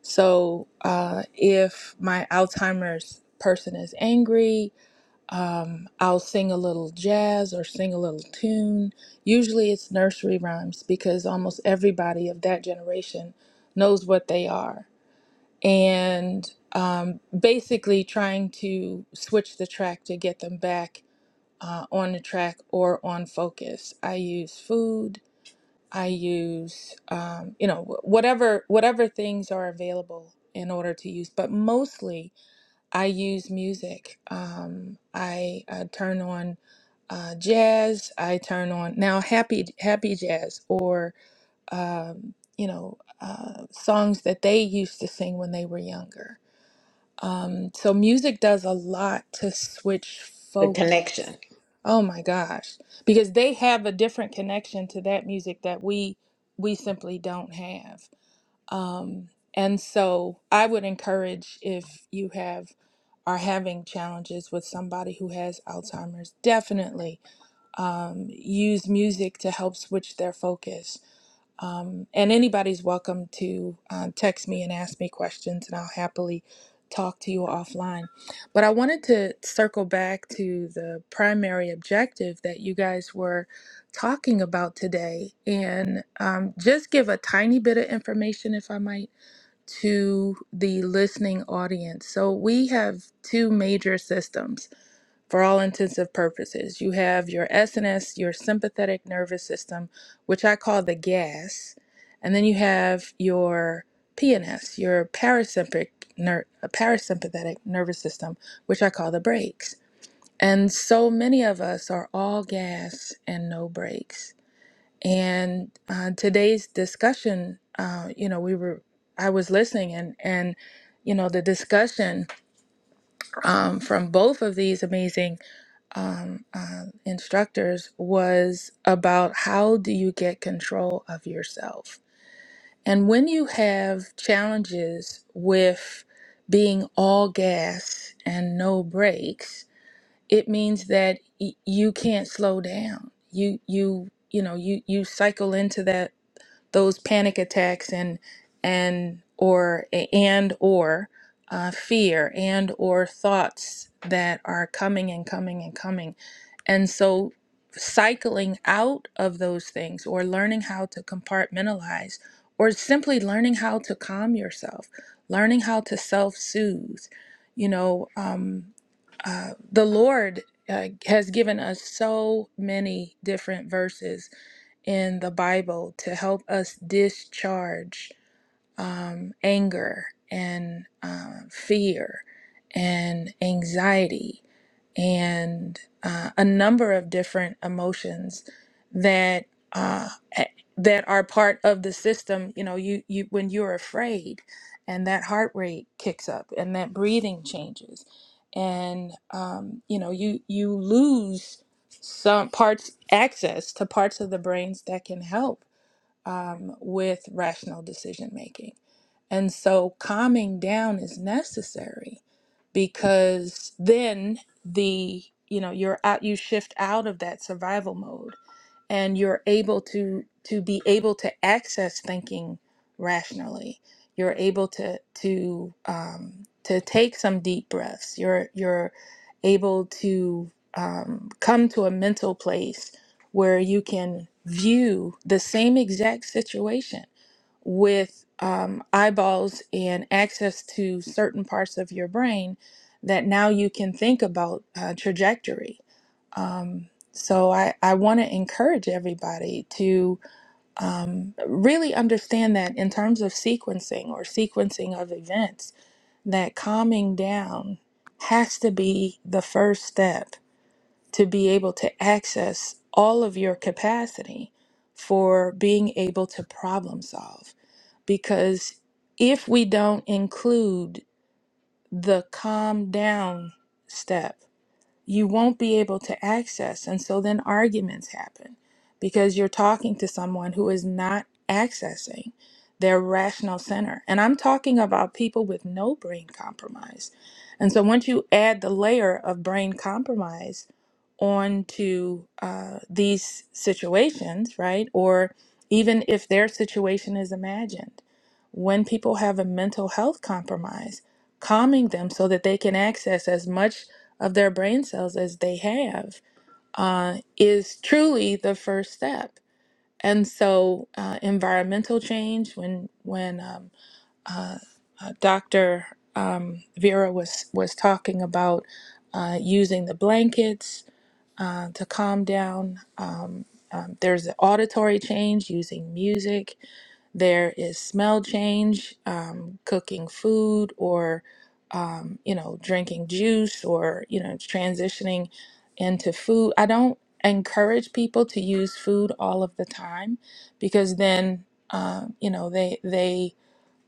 So uh, if my Alzheimer's person is angry, um, I'll sing a little jazz or sing a little tune. Usually it's nursery rhymes because almost everybody of that generation knows what they are and um, basically trying to switch the track to get them back uh, on the track or on focus. I use food. I use um, you know wh- whatever whatever things are available in order to use, but mostly I use music. Um, I, I turn on uh, jazz. I turn on now happy happy jazz or um, you know uh, songs that they used to sing when they were younger um, so music does a lot to switch The focus. connection. Oh my gosh, because they have a different connection to that music that we we simply don't have. Um, and so I would encourage if you have are having challenges with somebody who has Alzheimer's, definitely um, use music to help switch their focus um, and anybody's welcome to um, text me and ask me questions, and I'll happily talk to you offline. But I wanted to circle back to the primary objective that you guys were talking about today and um, just give a tiny bit of information, if I might, to the listening audience. So we have two major systems for all intensive purposes. You have your SNS, your sympathetic nervous system, which I call the gas, and then you have your PNS, your parasympathetic, ner- uh, parasympathetic nervous system, which I call the brakes. And so many of us are all gas and no brakes. And uh, today's discussion, uh, you know, we were, I was listening, and and you know, the discussion um, from both of these amazing um, uh, instructors was about how do you get control of yourself? And when you have challenges with being all gas and no brakes, it means that y- you can't slow down. You you you know you you cycle into that those panic attacks and and or and or uh, fear and or thoughts that are coming and coming and coming and so cycling out of those things or learning how to compartmentalize or simply learning how to calm yourself learning how to self-soothe you know um, uh, the Lord uh, has given us so many different verses in the Bible to help us discharge um, anger and uh, fear and anxiety and uh, a number of different emotions that uh, a- that are part of the system. You know, you you when you're afraid, and that heart rate kicks up, and that breathing changes, and um, you know you you lose some parts access to parts of the brains that can help um, with rational decision making. And so calming down is necessary because then the you know you're out you shift out of that survival mode and you're able to to be able to access thinking rationally you're able to to um, to take some deep breaths you're you're able to um, come to a mental place where you can view the same exact situation with um, eyeballs and access to certain parts of your brain that now you can think about uh, trajectory. Um, so I, I want to encourage everybody to um, really understand that in terms of sequencing or sequencing of events, that calming down has to be the first step to be able to access all of your capacity for being able to problem solve. Because if we don't include the calm down step, you won't be able to access. And so then arguments happen because you're talking to someone who is not accessing their rational center. And I'm talking about people with no brain compromise. And so once you add the layer of brain compromise, on to uh, these situations, right? Or even if their situation is imagined. When people have a mental health compromise, calming them so that they can access as much of their brain cells as they have uh, is truly the first step. And so, uh, environmental change. When when um, uh, uh, Dr. Um, Vera was was talking about uh, using the blankets uh, to calm down. Um, um, there's an auditory change using music. There is smell change, um, cooking food or, um, you know, drinking juice or, you know, transitioning into food. I don't encourage people to use food all of the time because then, uh, you know, they, they,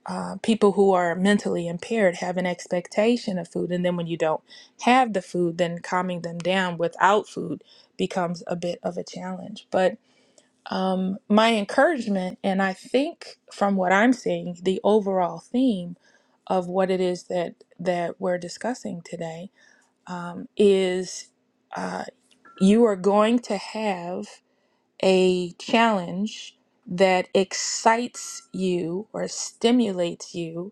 uh, people who are mentally impaired have an expectation of food, and then when you don't have the food, then calming them down without food becomes a bit of a challenge. But um, my encouragement, and I think from what I'm seeing, the overall theme of what it is that that we're discussing today um, is uh, you are going to have a challenge that excites you or stimulates you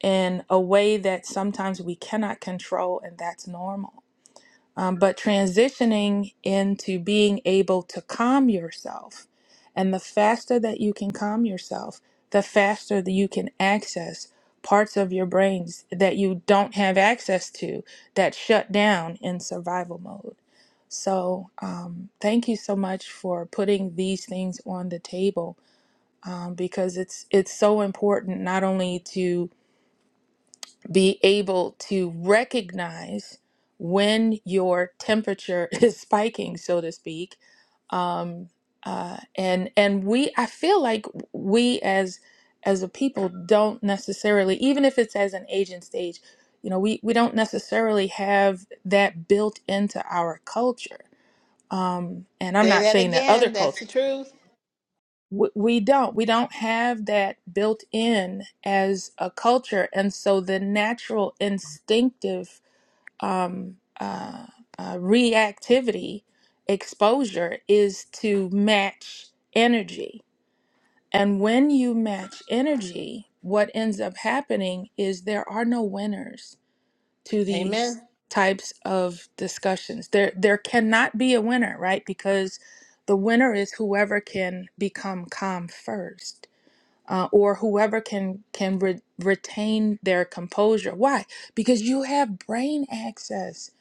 in a way that sometimes we cannot control, and that's normal. Um, but transitioning into being able to calm yourself, and the faster that you can calm yourself, the faster that you can access parts of your brains that you don't have access to that shut down in survival mode. So, um, thank you so much for putting these things on the table um, because it's it's so important not only to be able to recognize when your temperature is spiking, so to speak. Um, uh, and and we, I feel like we as as a people don't necessarily, even if it's as an agent stage, you know, we we don't necessarily have that built into our culture. Um, and I'm Say not that saying that other again. cultures That's the truth. w- we don't we don't have that built in as a culture and so the natural instinctive um, uh, uh, reactivity exposure is to match energy and when you match energy what ends up happening is there are no winners to these Amen. types of discussions there there cannot be a winner right because the winner is whoever can become calm first uh, or whoever can can re- retain their composure. Why? Because you have brain access.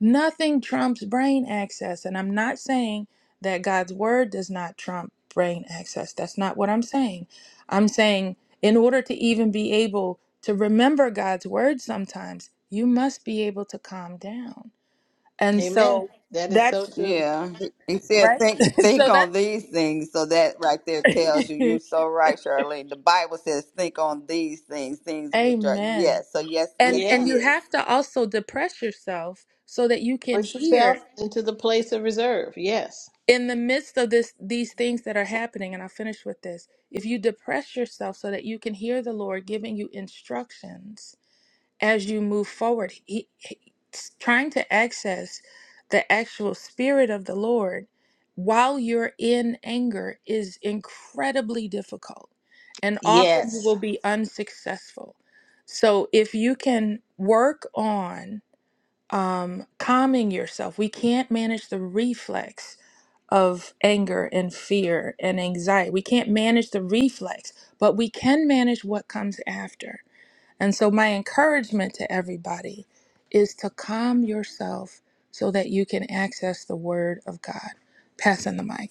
Nothing trumps brain access, and I'm not saying that God's word does not trump brain access. That's not what I'm saying. I'm saying in order to even be able to remember God's word sometimes, you must be able to calm down. And Amen. so That is so that's true. Yeah, he he said, right. think think so on that's these things. So that right there tells you you're so right, Charlene. The Bible says, think on these things, things which are Amen. yes. So yes, yes, and and it Yeah. you is. have to also depress yourself so that you can Push yourself hear into the place of reserve. Yes. in the midst of this these things that are happening and i'll finish with this if you depress yourself so that you can hear the lord giving you instructions as you move forward he, he- trying to access the actual spirit of the lord while you're in anger is incredibly difficult and often you Yes. will be unsuccessful so if you can work on um, calming yourself. We can't manage the reflex of anger and fear and anxiety. We can't manage the reflex, but we can manage what comes after. And so, my encouragement to everybody is to calm yourself so that you can access the Word of God. Passing the mic.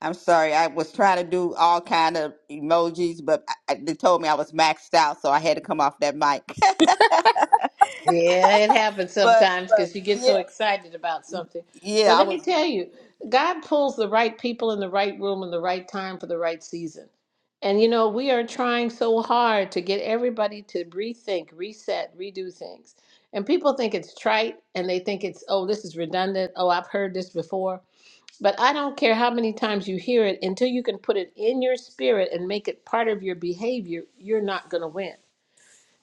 I'm sorry. I was trying to do all kind of emojis, but I, they told me I was maxed out, so I had to come off that mic. Yeah, it happens but sometimes but because you get yeah, so excited about something. yeah, But I let me was. tell you, God pulls the right people in the right room in the right time for the right season. And you know, we are trying so hard to get everybody to rethink, reset, redo things. And people think it's trite and they think it's, oh, this is redundant. Oh, I've heard this before. But I don't care how many times you hear it until you can put it in your spirit and make it part of your behavior, you're not going to win.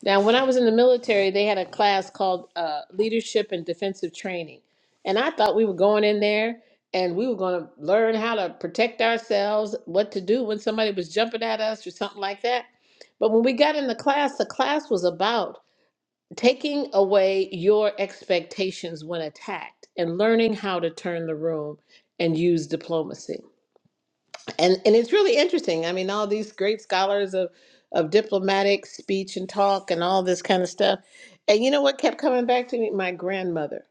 Now, when I was in the military, they had a class called uh, Leadership and Defensive Training. And I thought we were going in there and we were going to learn how to protect ourselves, what to do when somebody was jumping at us or something like that. But when we got in the class, the class was about taking away your expectations when attacked and learning how to turn the room and use diplomacy and and it's really interesting. I mean, all these great scholars of of diplomatic speech and talk and all this kind of stuff. And you know what kept coming back to me? My grandmother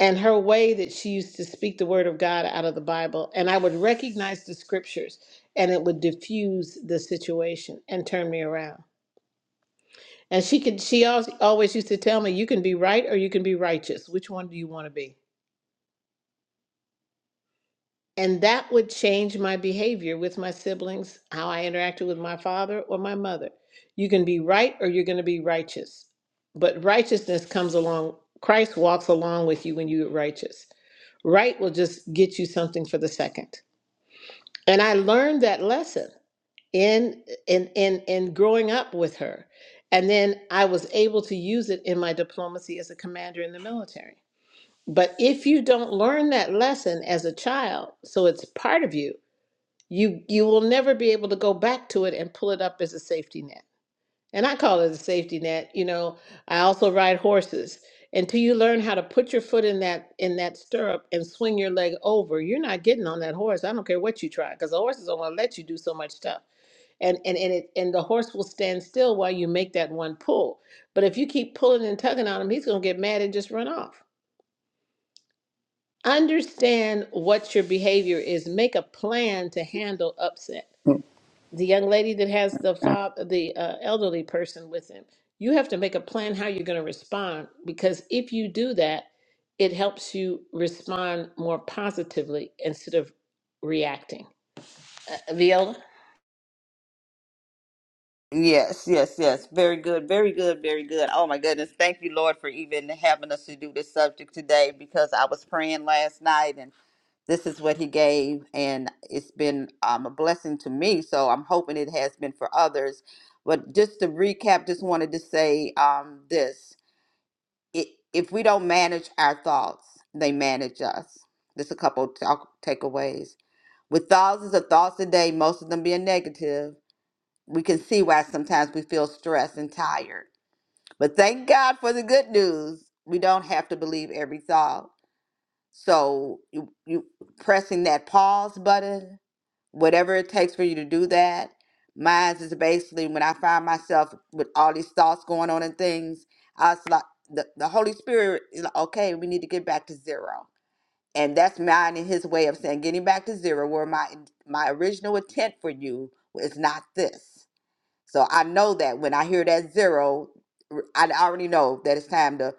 and her way that she used to speak the word of God out of the Bible. And I would recognize the scriptures and it would diffuse the situation and turn me around. And she could she always always used to tell me, you can be right or you can be righteous. Which one do you want to be? And that would change my behavior with my siblings, how I interacted with my father or my mother. You can be right or you're going to be righteous. But righteousness comes along, Christ walks along with you when you're righteous. Right will just get you something for the second. And I learned that lesson in in in in growing up with her. And then I was able to use it in my diplomacy as a commander in the military. But if you don't learn that lesson as a child, so it's part of you, you you will never be able to go back to it and pull it up as a safety net and i call it a safety net you know i also ride horses until you learn how to put your foot in that in that stirrup and swing your leg over you're not getting on that horse i don't care what you try because the horses don't going to let you do so much stuff and and and, it, and the horse will stand still while you make that one pull but if you keep pulling and tugging on him he's going to get mad and just run off understand what your behavior is make a plan to handle upset the young lady that has the fob, the uh, elderly person with him. You have to make a plan how you're going to respond because if you do that, it helps you respond more positively instead of reacting. Uh, Viola? Yes, yes, yes. Very good, very good, very good. Oh my goodness. Thank you, Lord, for even having us to do this subject today because I was praying last night and this is what he gave and it's been um, a blessing to me. So I'm hoping it has been for others. But just to recap, just wanted to say um, this. it, if we don't manage our thoughts, they manage us. Just a couple of talk, takeaways. With thousands of thoughts a day, most of them being negative, we can see why sometimes we feel stressed and tired. But thank God for the good news. We don't have to believe every thought. So you, you pressing that pause button whatever it takes for you to do that. Mine is basically when I find myself with all these thoughts going on and things, I was like, the, the Holy Spirit is like, okay, we need to get back to zero. And that's mine and his way of saying getting back to zero, where my my original intent for you is not this. So I know that when I hear that zero, r- I already know that it's time to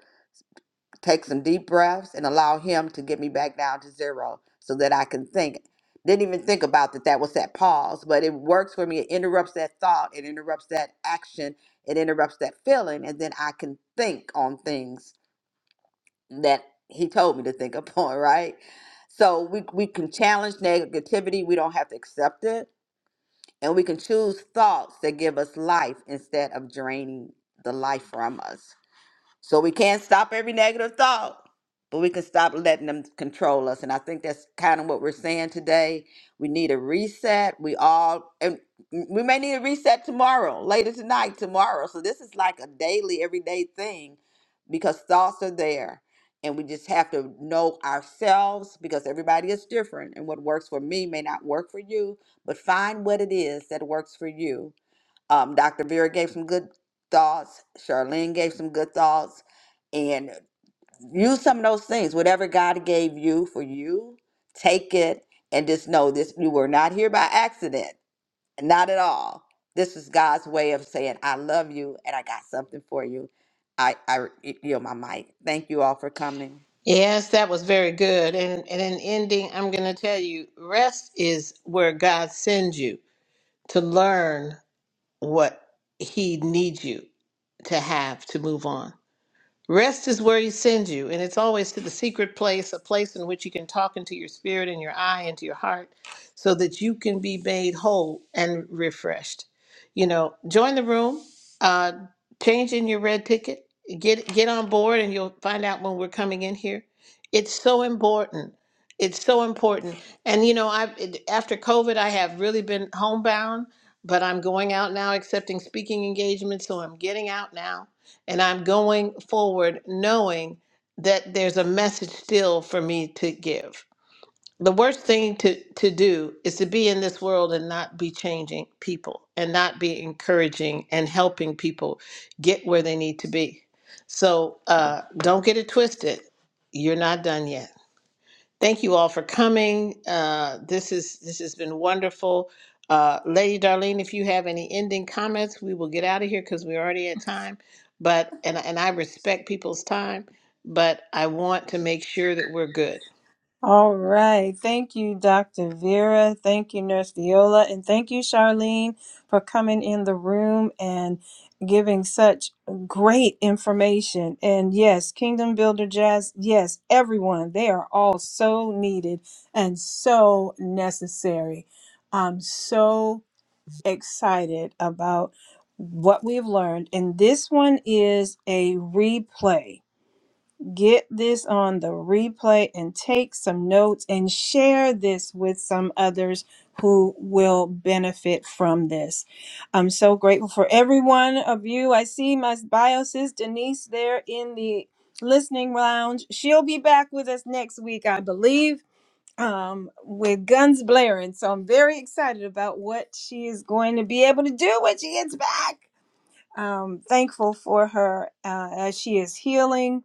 take some deep breaths and allow him to get me back down to zero so that I can think. Didn't even think about that. That was that pause, but it works for me. It interrupts that thought, it interrupts that action, it interrupts that feeling, and then I can think on things that he told me to think upon, right? So we, we can challenge negativity, we don't have to accept it, and we can choose thoughts that give us life instead of draining the life from us. So we can't stop every negative thought, but we can stop letting them control us. And I think that's kind of what we're saying today. We need a reset. We all, and we may need a reset tomorrow, later tonight, tomorrow. So this is like a daily, everyday thing because thoughts are there. And we just have to know ourselves because everybody is different. And what works for me may not work for you, but find what it is that works for you um, Dr. Vera gave some good thoughts. Charlene gave some good thoughts. And use some of those things. Whatever God gave you for you, take it and just know this you were not here by accident. Not at all. This is God's way of saying, I love you and I got something for you. I, I yield my mic. Thank you all for coming. Yes, that was very good. And, and in ending, I'm going to tell you rest is where God sends you to learn what He needs you to have to move on. Rest is where he sends you, and it's always to the secret place, a place in which you can talk into your spirit and your eye and to your heart so that you can be made whole and refreshed. You know, join the room, uh, change in your red ticket, get get on board and you'll find out when we're coming in here. It's so important. It's so important. And you know, I after COVID, I have really been homebound, but I'm going out now accepting speaking engagements, so I'm getting out now and I'm going forward knowing that there's a message still for me to give. The worst thing to, to do is to be in this world and not be changing people and not be encouraging and helping people get where they need to be. So uh, don't get it twisted. You're not done yet. Thank you all for coming. Uh, this is this has been wonderful. Uh, Lady Darlene, if you have any ending comments, we will get out of here because we're already at time. But and and I respect people's time, but I want to make sure that we're good. All right. Thank you, Dr. Vera. Thank you, Nurse Viola. And thank you, Charlene, for coming in the room and giving such great information. And yes, Kingdom Builder Jazz, yes, everyone, they are all so needed and so necessary. I'm so excited about what we've learned. And this one is a replay. Get this on the replay and take some notes and share this with some others who will benefit from this. I'm so grateful for every one of you. I see my bio sis Denise there in the listening lounge. She'll be back with us next week, I believe, um, with guns blaring. So I'm very excited about what she is going to be able to do when she gets back. Um, thankful for her uh, as she is healing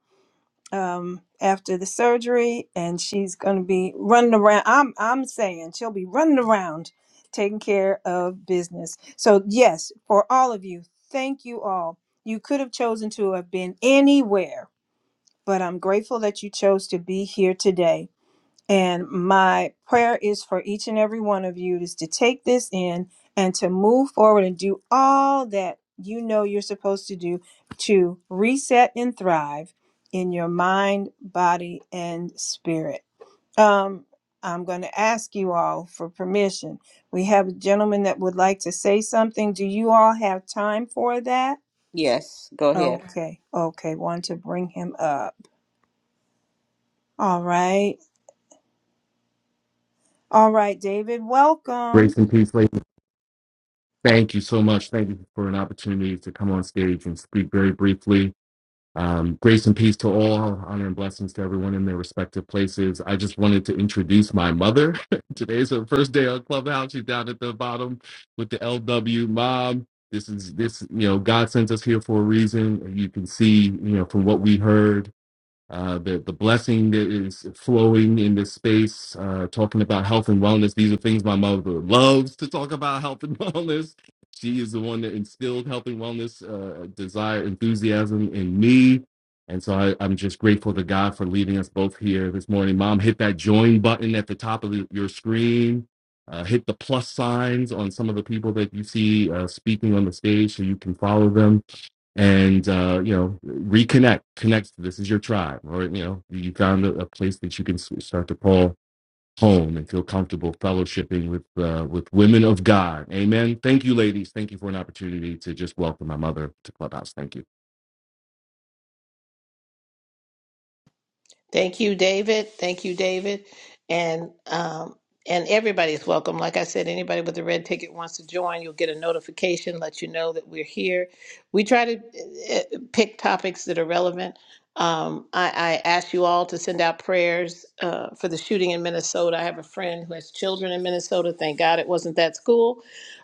um, after the surgery, and she's going to be running around. I'm I'm saying she'll be running around, taking care of business. So yes, for all of you, thank you all. You could have chosen to have been anywhere, but I'm grateful that you chose to be here today. And my prayer is for each and every one of you is to take this in and to move forward and do all that you know you're supposed to do to reset and thrive in your mind, body, and spirit. Um, I'm going to ask you all for permission. We have a gentleman that would like to say something. Do you all have time for that? Yes, go ahead. Okay, okay. Want to bring him up. All right. All right, David, welcome. Grace and peace, ladies. Thank you so much. Thank you for an opportunity to come on stage and speak very briefly. Um, grace and peace to all, honor and blessings to everyone in their respective places. I just wanted to introduce my mother. Today's her first day on Clubhouse. She's down at the bottom with the LW mom. This is this, you know, God sends us here for a reason. you can see, you know, from what we heard uh, the the blessing that is flowing in this space, uh, talking about health and wellness. These are things my mother loves to talk about health and wellness. She is the one that instilled health and wellness uh, desire, enthusiasm in me, and so I, I'm just grateful to God for leaving us both here this morning. Mom, hit that join button at the top of the, your screen. Uh, hit the plus signs on some of the people that you see uh, speaking on the stage so you can follow them and uh, you know reconnect connect this is your tribe or you know you found a, a place that you can s- start to call home and feel comfortable fellowshipping with uh, with women of god amen thank you ladies thank you for an opportunity to just welcome my mother to clubhouse thank you Thank you, David. Thank you, David. And um, and everybody's welcome. Like I said, anybody with a red ticket wants to join, you'll get a notification, let you know that we're here. We try to eh, eh, pick topics that are relevant. Um, I, I ask you all to send out prayers uh, for the shooting in Minnesota. I have a friend who has children in Minnesota. Thank God it wasn't that school,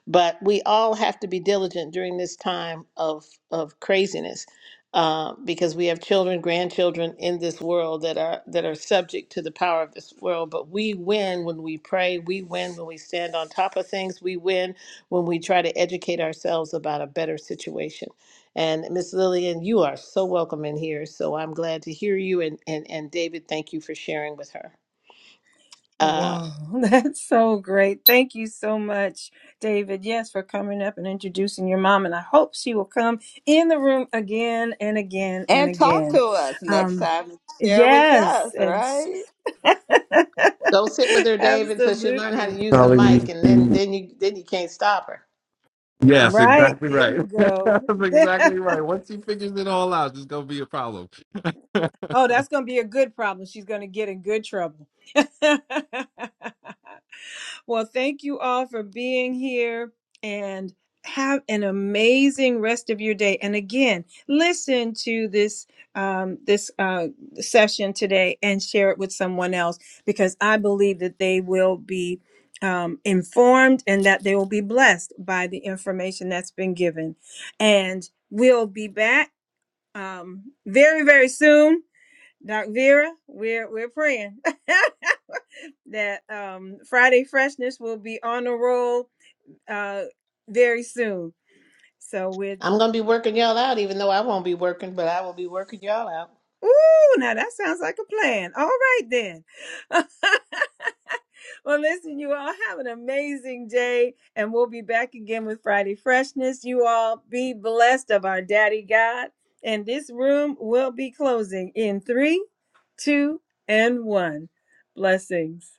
but we all have to be diligent during this time of of craziness uh, because we have children, grandchildren in this world that are that are subject to the power of this world. But we win when we pray. We win when we stand on top of things. We win when we try to educate ourselves about a better situation. And Miss Lillian, you are so welcome in here. So I'm glad to hear you. And and and David, thank you for sharing with her. Uh, Wow, that's so great. Thank you so much, David. Yes, for coming up and introducing your mom. And I hope she will come in the room again and again and And talk again. to us next Um, time. Share with us, yes, and right? go sit with her, David, so she will learn how to absolutely. use the mic, Calling and then you- then you then you can't stop her. yes Right, exactly there right you go. that's exactly right once he figures it all out it's gonna be a problem oh, that's going to be a good problem. She's going to get in good trouble. Well, thank you all for being here and have an amazing rest of your day. And again, listen to this um, this uh, session today and share it with someone else because I believe that they will be um, informed and that they will be blessed by the information that's been given. And we'll be back um, very, very soon Doc Vera, we're we're praying that um, Friday Freshness will be on the roll uh, very soon. So we're I'm gonna be working y'all out, even though I won't be working, but I will be working y'all out. ooh, now that sounds like a plan. All right then. well, listen, you all have an amazing day, and we'll be back again with Friday Freshness. You all be blessed of our Daddy God, and this room will be closing in three, two, and one. Blessings.